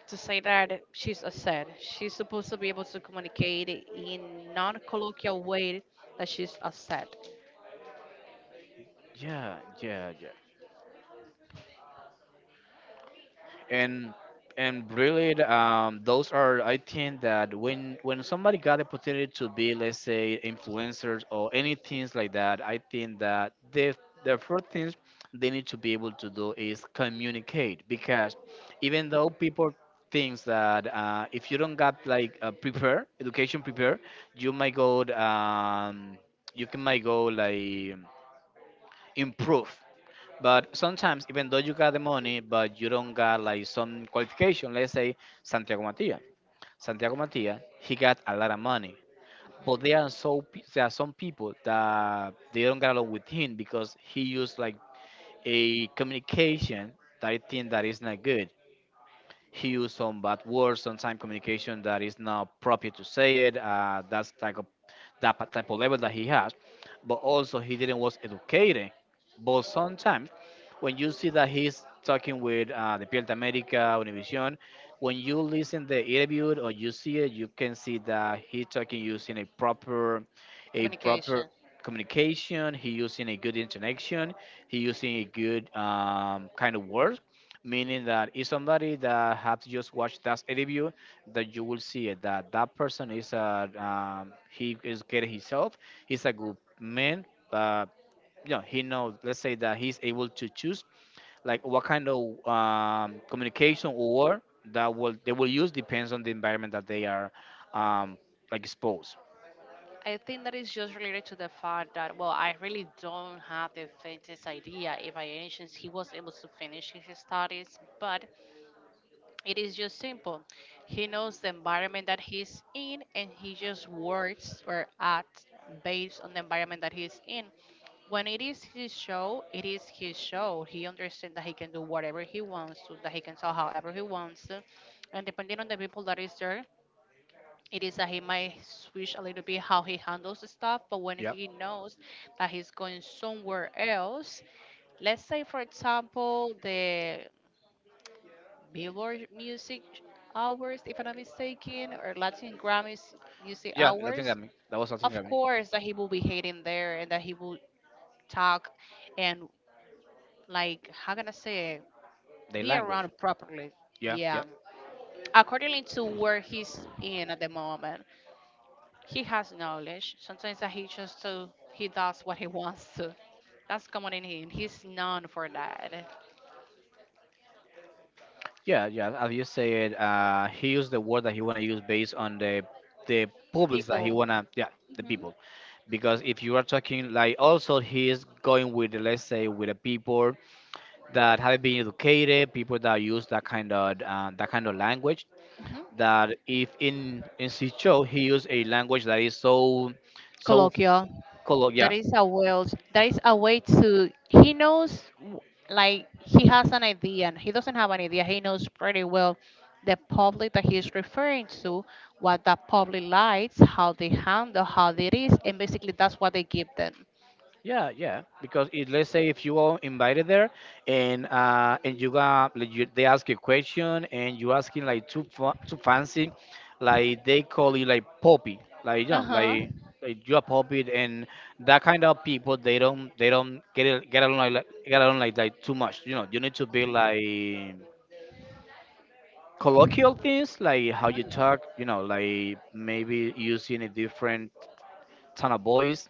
Speaker 2: to say that she's a said she's supposed to be able to communicate in non-colloquial way that she's a said.
Speaker 1: yeah, yeah, yeah, and and really those are I think that when somebody got the opportunity to be let's say influencers or any things like that, I think that the first things they need to be able to do is communicate. Because even though people thinks that if you don't got like prepare education prepare, you might go you can might go like improve. But sometimes, even though you got the money, but you don't got like some qualification, let's say Santiago Matia. Santiago Matia, he got a lot of money, but
Speaker 2: Mhm.
Speaker 1: there are there are some people that they don't get along with him because he used like a communication that I think that is not good. He used some bad words, sometimes communication that is not proper to say it. That's type of type of level that he has, but also he didn't was educated. But sometimes when you see that he's talking with the Piel de America, Univision, when you listen the interview or you see it, you can see that he's talking using a proper
Speaker 2: Communication
Speaker 1: communication. He using a good intonation. He using a good kind of words, meaning that if somebody that have to just watch that interview, that you will see it, that that person is a he is getting himself. He's a good man. Uh, you know, he know. Let's say that he's able to choose like what kind of communication or word that will they will use depends on the environment that they are um, like exposed.
Speaker 2: I think that is just related to the fact that, well, I really don't have the faintest idea if by any chance he was able to finish his studies, but it is just simple. He knows the environment that he's in and he just works or acts based on the environment that he's in. When it is his show, it is his show. He understands that he can do whatever he wants to, that he can sell however he wants to. And depending on the people that is there, it is that he might switch a little bit how he handles the stuff. But when
Speaker 1: Yeah,
Speaker 2: he knows that he's going somewhere else, let's say, for example, the Billboard Music Hours, if I'm not mistaken, or Latin Grammys Music
Speaker 1: yeah, Latin
Speaker 2: Hours,
Speaker 1: Grammy. That was Latin
Speaker 2: of
Speaker 1: Grammy.
Speaker 2: course that he will be hating there and that he will talk and, like, how can I say it?
Speaker 1: Their
Speaker 2: Be
Speaker 1: language.
Speaker 2: around properly.
Speaker 1: Yeah,
Speaker 2: Yeah.
Speaker 1: yeah,
Speaker 2: Accordingly to where he's in at the moment, he has knowledge. Sometimes that he just to he does what he wants to. That's common in him. He's known for that.
Speaker 1: yeah, yeah. As you said, he used the word that he wanna use based on the publics that he
Speaker 2: People.
Speaker 1: wanna. Yeah, the
Speaker 2: Hmm.
Speaker 1: people. Because if you are talking like also he is going with the, let's say with the people that have been educated, people that use that kind of language
Speaker 2: Hmm.
Speaker 1: that if in Sicho he used a language that is so
Speaker 2: Colloquial.
Speaker 1: color,
Speaker 2: that
Speaker 1: yeah.
Speaker 2: is a well that is a way to like he has an idea and he doesn't have an idea, he knows pretty well the public that he's referring to, what the public likes, how they handle, how it is, and basically that's what they give them.
Speaker 1: Yeah, yeah, because it, let's say if you are invited there and you got like you, they ask you a question and you asking like too fancy, like they call you like poppy, like you know,
Speaker 2: Uh-huh.
Speaker 1: like you are poppy. And that kind of people, they don't get it, get along like too much, you know. You need to be like colloquial things, like how you
Speaker 2: Uh-huh.
Speaker 1: talk, you know, like maybe using a different tone of voice,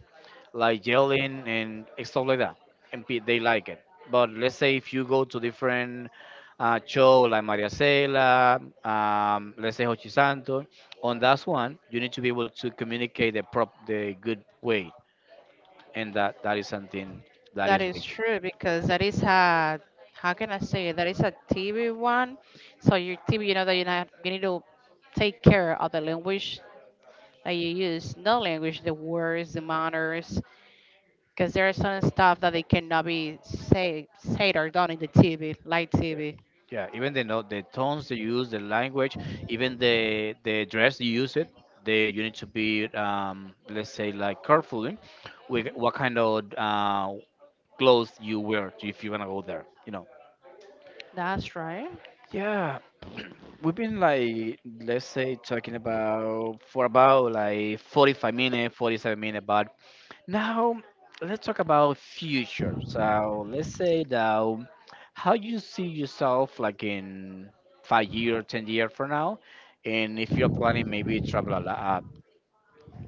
Speaker 1: like yelling and stuff like that, and they like it. But let's say if you go to different show like Maria Cela, let's say Hochi Santo. On that one you need to be able to communicate the good way, and that is something that
Speaker 2: That
Speaker 1: is
Speaker 2: is
Speaker 1: big.
Speaker 2: true because that is a, how can I say it? That is a TV one. So your TV, you know that you not you need to take care of the language that you use, not language, the words, the manners, because there are some stuff that they cannot be say said or done in the TV, live TV.
Speaker 1: Yeah, even the tones they use, the language, even the dress you use it, they you need to be let's say like careful in with what kind of clothes you wear if you're gonna go there, you know.
Speaker 2: That's right.
Speaker 1: Yeah, we've been like let's say talking about for about like 45 minutes, 47 minutes about. Now, let's talk about future. So, let's say that how you see yourself like in 5 years, 10 years from now, and if you're planning maybe travel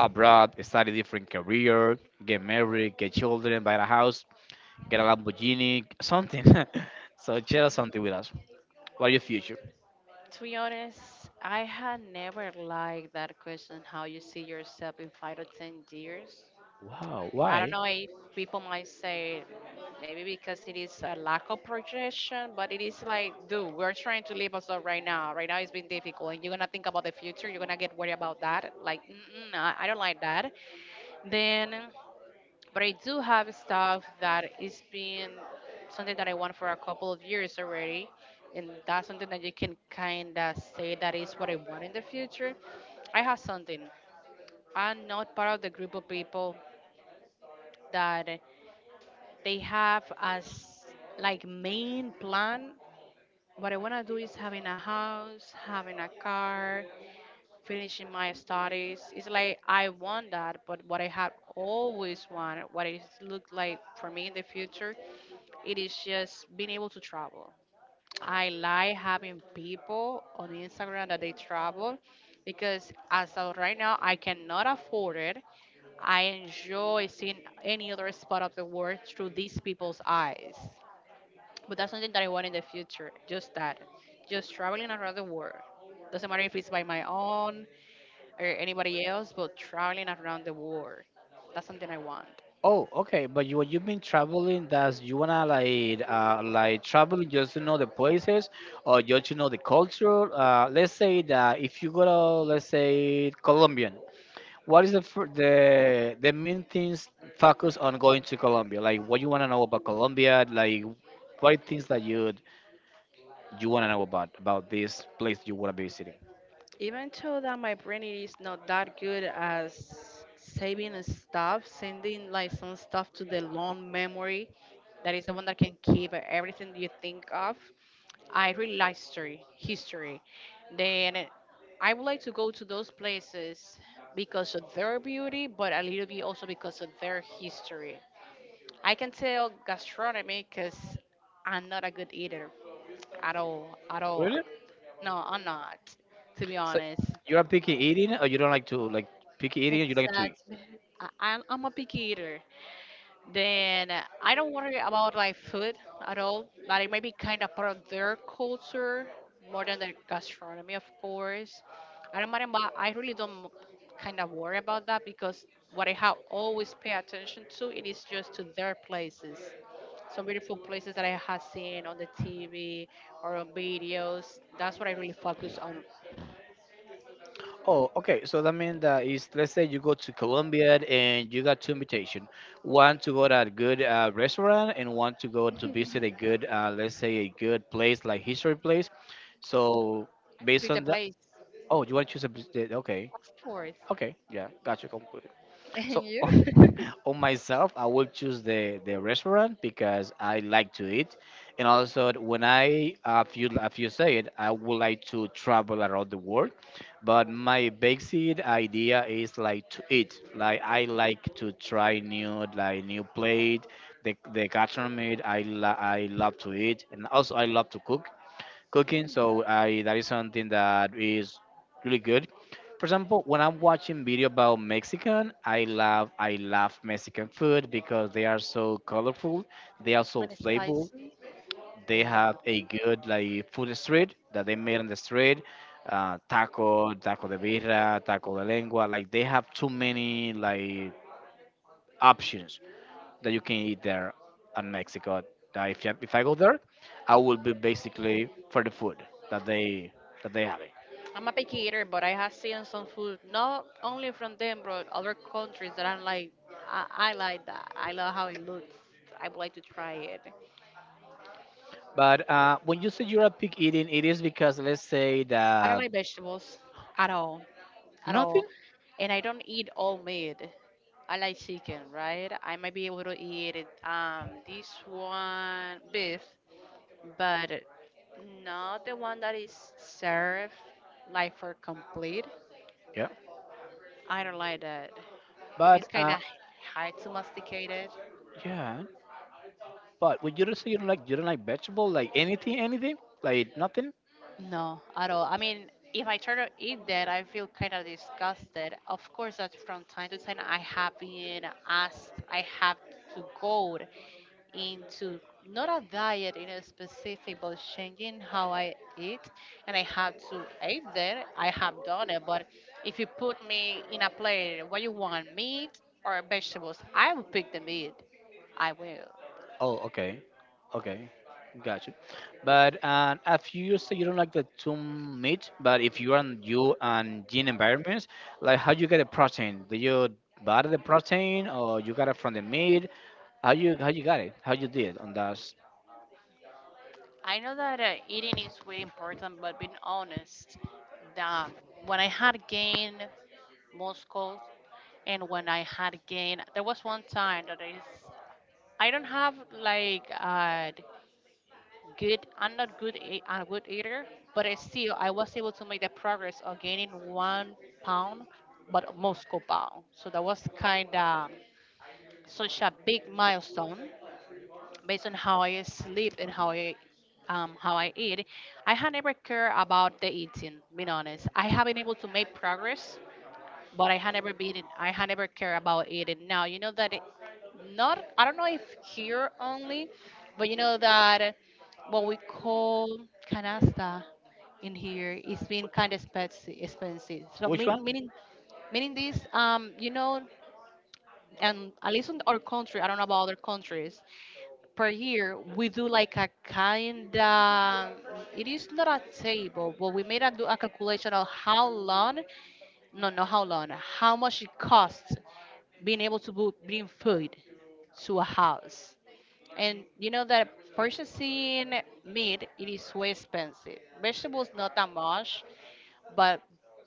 Speaker 1: abroad, start a different career, get married, get children, buy a house, get a Lamborghini, something. So, share something with us. What your future?
Speaker 2: To be honest, I had never liked that question how you see yourself in 5 or 10 years.
Speaker 1: Wow,
Speaker 2: I don't
Speaker 1: why?
Speaker 2: know if people might say maybe because it is a lack of projection, but it is like, dude, we're trying to live us up right now. Right now it's been difficult, and you're gonna think about the future. You're gonna get worried about that. Like, mm-mm, I don't like that. Then, but I do have stuff that is been something that I want for a couple of years already. And that's something that you can kind of say that is what I want in the future. I have something. I'm not part of the group of people that they have as like main plan. What I want to do is having a house, having a car, finishing my studies. It's like I want that, but what I have always wanted, what it looked like for me in the future, it is just being able to travel. I like having people on Instagram that they travel because as of right now, I cannot afford it. I enjoy seeing any other spot of the world through these people's eyes. But that's something that I want in the future. Just that. Just traveling around the world. Doesn't matter if it's by my own or anybody else, but traveling around the world. That's something I want.
Speaker 1: Oh, okay. But you, you've been traveling, does you wanna like traveling just to know the places or just to know the culture? Let's say that if you go to let's say Colombian, what is the main things focus on going to Colombia? Like what you wanna know about Colombia? Like what are things that you wanna know about this place you wanna be visiting?
Speaker 2: Even though that my brain is not that good as saving stuff, sending like some stuff to the long memory, that is the one that can keep everything you think of. I really like history. History. Then I would like to go to those places because of their beauty, but a little bit also because of their history. I can tell gastronomy because I'm not a good eater at all, at all.
Speaker 1: Really?
Speaker 2: No, I'm not, to be
Speaker 1: So
Speaker 2: honest.
Speaker 1: you're a picky eating or you don't like to like picky eating? You like to eat?
Speaker 2: Exactly. I'm a picky eater. Then I don't worry about like food at all. Like it may be kind of part of their culture more than their gastronomy, of course. I don't mind about, I really don't kind of worry about that because what I have always pay attention to it is just to their places. Some beautiful places that I have seen on the TV or on videos. That's what I really focus on
Speaker 1: Oh, okay. So that means that is let's say you go to Colombia and you got two invitation, one to go to a good restaurant and one to go to visit a good, let's say a good place like history place. So based
Speaker 2: with the
Speaker 1: on that,
Speaker 2: place,
Speaker 1: oh, you want to choose a place? That- Okay,
Speaker 2: of course.
Speaker 1: okay, yeah, gotcha.
Speaker 2: And
Speaker 1: So
Speaker 2: you?
Speaker 1: on myself, I will choose the restaurant because I like to eat, and also when I if you say it, I would like to travel around the world. But my basic idea is like to eat. Like I like to try new like new plate, the gastronomy. I love to eat, and also I love to cook cooking. So I that is something that is really good. For example, when I'm watching video about Mexican, I love Mexican food because they are so colorful, they are so
Speaker 2: And
Speaker 1: flavorful.
Speaker 2: spicy.
Speaker 1: They
Speaker 2: Yeah,
Speaker 1: have a good like food street that they made on the street, taco, taco de birra, taco de lengua. Like they have too many like options that you can eat there in Mexico. That if I go there, I will be basically for the food that they that they have.
Speaker 2: I'm a picky eater, but I have seen some food not only from them, but other countries that I'm like, I like that. I love how it looks. I would like to try it.
Speaker 1: But when you say you're a pig eating, it is because let's say
Speaker 2: I don't
Speaker 1: that
Speaker 2: like vegetables at all, at
Speaker 1: nothing.
Speaker 2: all, and I don't eat all meat. I like chicken, right? I might be able to eat it, this one beef, but not the one that is served like for complete.
Speaker 1: Yeah.
Speaker 2: I don't like that. For me,
Speaker 1: But
Speaker 2: it's kind of hard to masticate it.
Speaker 1: yeah. But when you say you don't like vegetable, like anything, anything, like nothing.
Speaker 2: No, at all. I mean, if I try to eat that, I feel kind of disgusted. Of course, that from time to time, I have been asked, I have to go into not a diet in a specific, but changing how I eat. And I have to eat that. I have done it. But if you put me in a plate, what you want, meat or vegetables, I will pick the meat. I will.
Speaker 1: Oh, okay. Okay. Gotcha. But if you say you don't like the too meat, but if you are on you and gene environments, like how you get the protein? Do you buy the protein or you got it from the meat? How you got it? How you did on that? S-
Speaker 2: I know that eating is really important, but being honest, that when I had gained muscles and when I had gained, there was one time that I don't have like good, I'm not good a good eater, but I was able to make the progress of gaining 1 pound, but muscle pound. So that was kind of such a big milestone based on how I sleep and how I eat. I had never cared about the eating. Being honest, I have been able to make progress, but I had never cared about eating. Now you know that it, not I don't know if here only, but you know that what we call canasta in here is being kind of expensive. So
Speaker 1: which one?
Speaker 2: meaning this you know, and at least in our country, I don't know about other countries, per year we do like a kind of, it is not a table, but we do a calculation of how long, no, no, how long, how much it costs being able to bring food to a house. And you know that purchasing meat, it is way expensive, vegetables not that much. But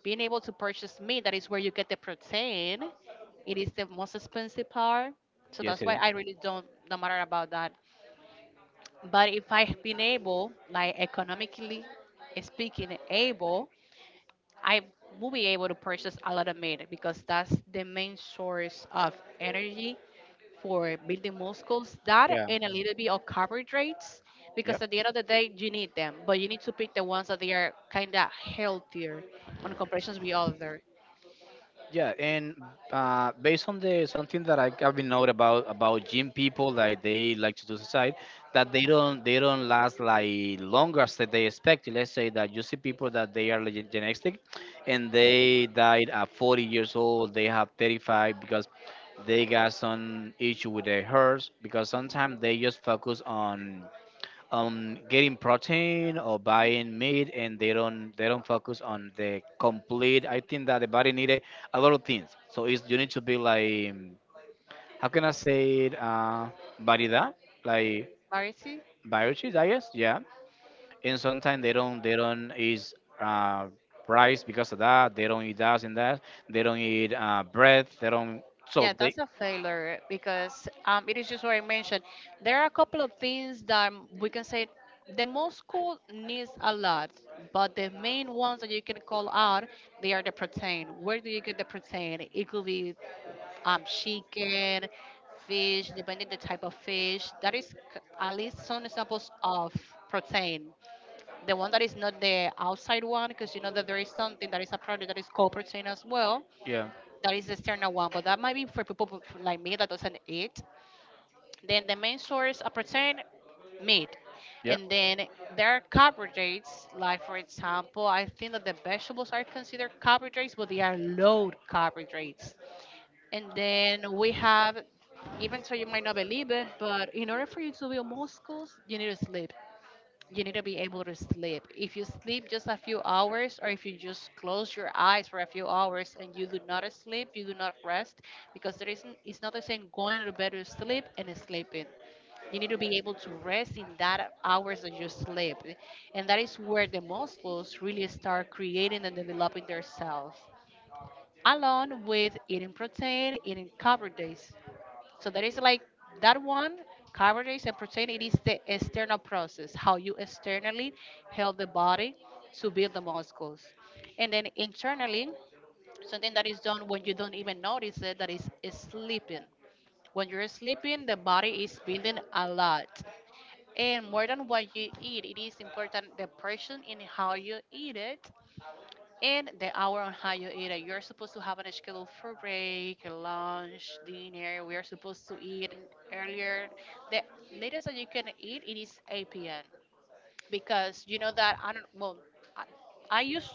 Speaker 2: being able to purchase meat, that is where you get the protein, it is the most expensive part. So
Speaker 1: Yes,
Speaker 2: that's
Speaker 1: it
Speaker 2: why
Speaker 1: is.
Speaker 2: I really don't no matter about that. But if I've been able, like economically speaking, able, I will be able to purchase a lot of meat because that's the main source of energy for building muscles. That
Speaker 1: Yeah.
Speaker 2: and a little bit of carbohydrates,
Speaker 1: Yep.
Speaker 2: because at the end of the day, you need them, but you need to pick the ones that they are kind of healthier on comparisons with other.
Speaker 1: Yeah, and based on the something that I have been known about gym people, like they like to do exercise, that they don't last like longer as that they expect. Let's say that you see people that they are like genetic, and they died at 40 years old. They have 35 because they got some issue with their hurts, because sometimes they just focus on getting protein or buying meat, and they don't focus on the complete. I think that the body needed a lot of things, so it's you need to be like, how can I say it, variedad, like
Speaker 2: Marcy?
Speaker 1: varieties, I guess. Yeah, and sometimes they don't eat uh rice because of that. They don't eat that, and that they don't eat bread. They don't, so
Speaker 2: Yeah,
Speaker 1: they
Speaker 2: that's a failure because it is just what I mentioned. There are a couple of things that we can say the most school needs a lot, but the main ones that you can call out, they are the protein. Where do you get the protein? It could be chicken, fish, depending the type of fish. That is at least some examples of protein. The one that is not the outside one, because you know that there is something that is a product that is called protein as well,
Speaker 1: yeah,
Speaker 2: that is the external one, but that might be for people who like me that doesn't eat. Then the main source of protein, meat.
Speaker 1: yeah.
Speaker 2: And then there are carbohydrates, like for example, I think that the vegetables are considered carbohydrates, but they are low carbohydrates. And then we have, even so you might not believe it, but in order for you to build muscles, you need to be able to sleep. If you sleep just a few hours, or if you just close your eyes for a few hours and you do not sleep, you do not rest, because there isn't, it's not the same going to bed to sleep and sleeping. You need to be able to rest in that hours that you sleep. And that is where the muscles really start creating and developing themselves, along with eating protein, eating carbohydrates. So that is like that one, carbohydrates and protein. It is the external process, how you externally help the body to build the muscles, and then internally, something that is done when you don't even notice it, that is sleeping. When you're sleeping, the body is building a lot, and more than what you eat, it is important the portion in how you eat it and the hour on how you eat it. You're supposed to have a schedule for break, lunch, dinner. We are supposed to eat earlier. The latest that you can eat it is 8 p.m. because you know that I don't. Well, I, I used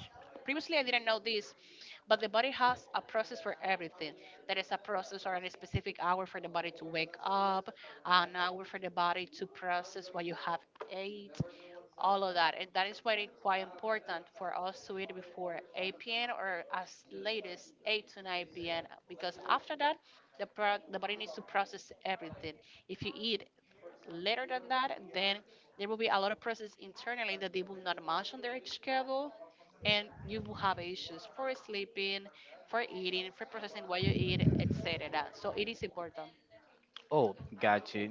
Speaker 2: previously I didn't know this, but the body has a process for everything. There is a process or a specific hour for the body to wake up, an hour for the body to process what you have ate, all of that, and that is why it's quite important for us to eat before 8 p.m. or as late as 8 to 9 p.m. because after that, the body needs to process everything. If you eat later than that, then there will be a lot of process internally that they will not match on their schedule, and you will have issues for sleeping, for eating, for processing what you eat, etc. So it is important.
Speaker 1: Oh, gotcha.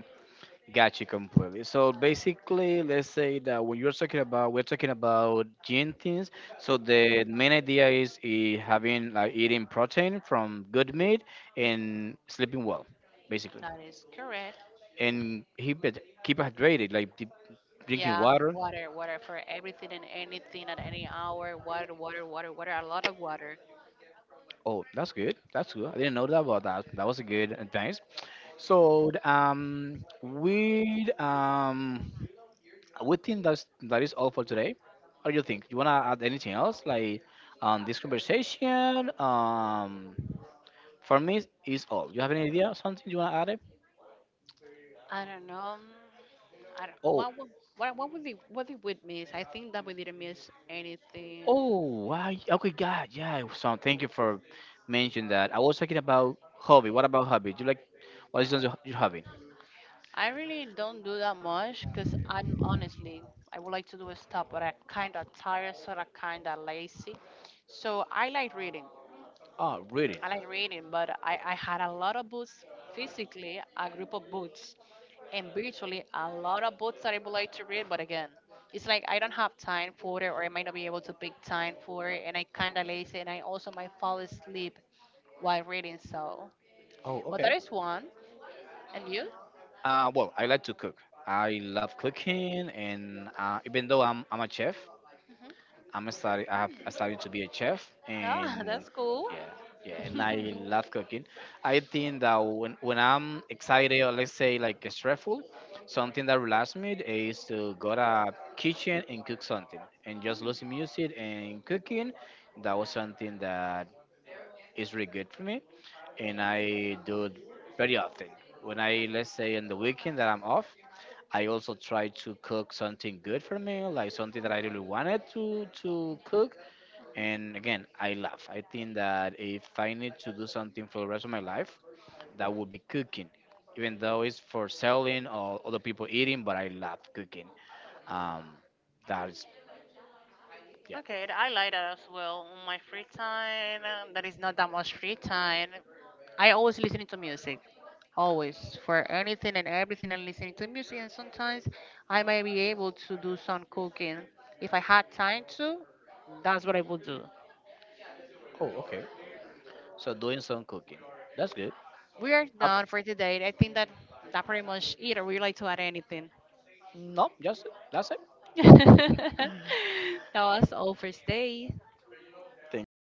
Speaker 1: Got you completely. So basically, let's say that when you're talking about, we're talking about gentins. So the main idea is eh, having like eating protein from good meat and sleeping well, basically,
Speaker 2: That is correct.
Speaker 1: and keep hydrated, like deep, drinking
Speaker 2: Yeah,
Speaker 1: water.
Speaker 2: water, water for everything and anything at any hour. Water, water, water, water. A lot of water.
Speaker 1: Oh, that's good. That's good. I didn't know that about that. That was a good advice. So with we think that's that is all for today. What do you think? You wanna add anything else like this conversation? For me is all. You have any idea? Something you wanna add? It?
Speaker 2: I don't know. I don't,
Speaker 1: Oh,
Speaker 2: What did we miss? I think that we didn't miss anything.
Speaker 1: oh, I, okay, God, yeah. So thank you for mentioning that. I was talking about hobby. What about hobby? Do you like, what is your hobby?
Speaker 2: I really don't do that much because I'm honestly, I would like to do a stop, but I'm kind of tired, sort of kind of lazy. So I like reading.
Speaker 1: Oh, reading.
Speaker 2: I like reading, but I had a lot of books physically, a group of books, and virtually a lot of books that I would like to read. But again, it's like I don't have time for it, or I might not be able to pick time for it, and I kind of lazy, and I also might fall asleep while reading. So,
Speaker 1: Oh,
Speaker 2: well, that
Speaker 1: okay.
Speaker 2: is one. And you?
Speaker 1: Well, I like to cook. I love cooking, and even though I'm a chef, I'm study. I started to be a chef,
Speaker 2: Ah,
Speaker 1: and
Speaker 2: that's cool.
Speaker 1: yeah, yeah, and I love cooking. I think that when I'm excited or let's say like stressful, something that relaxes me is to go to kitchen and cook something, and just listen music and cooking. That was something that is really good for me, and I do it very often. When I let's say on the weekend that I'm off, I also try to cook something good for me, like something that I really wanted to cook, and again, I love. I think that if I need to do something for the rest of my life, that would be cooking, even though it's for selling or other people eating. But I love cooking. Um, that is yeah.
Speaker 2: Okay, I like that as well. On my free time, that is not that much free time. I always listening to music, always for anything and everything, and listening to music. And sometimes I may be able to do some cooking if I had time to. That's what I would do.
Speaker 1: Oh, okay. So doing some cooking. That's good.
Speaker 2: We are
Speaker 1: Uh,
Speaker 2: done for today. I think that that pretty much it. Or would you like to add anything?
Speaker 1: no, just that's it.
Speaker 2: That was all for today.
Speaker 1: Thank you.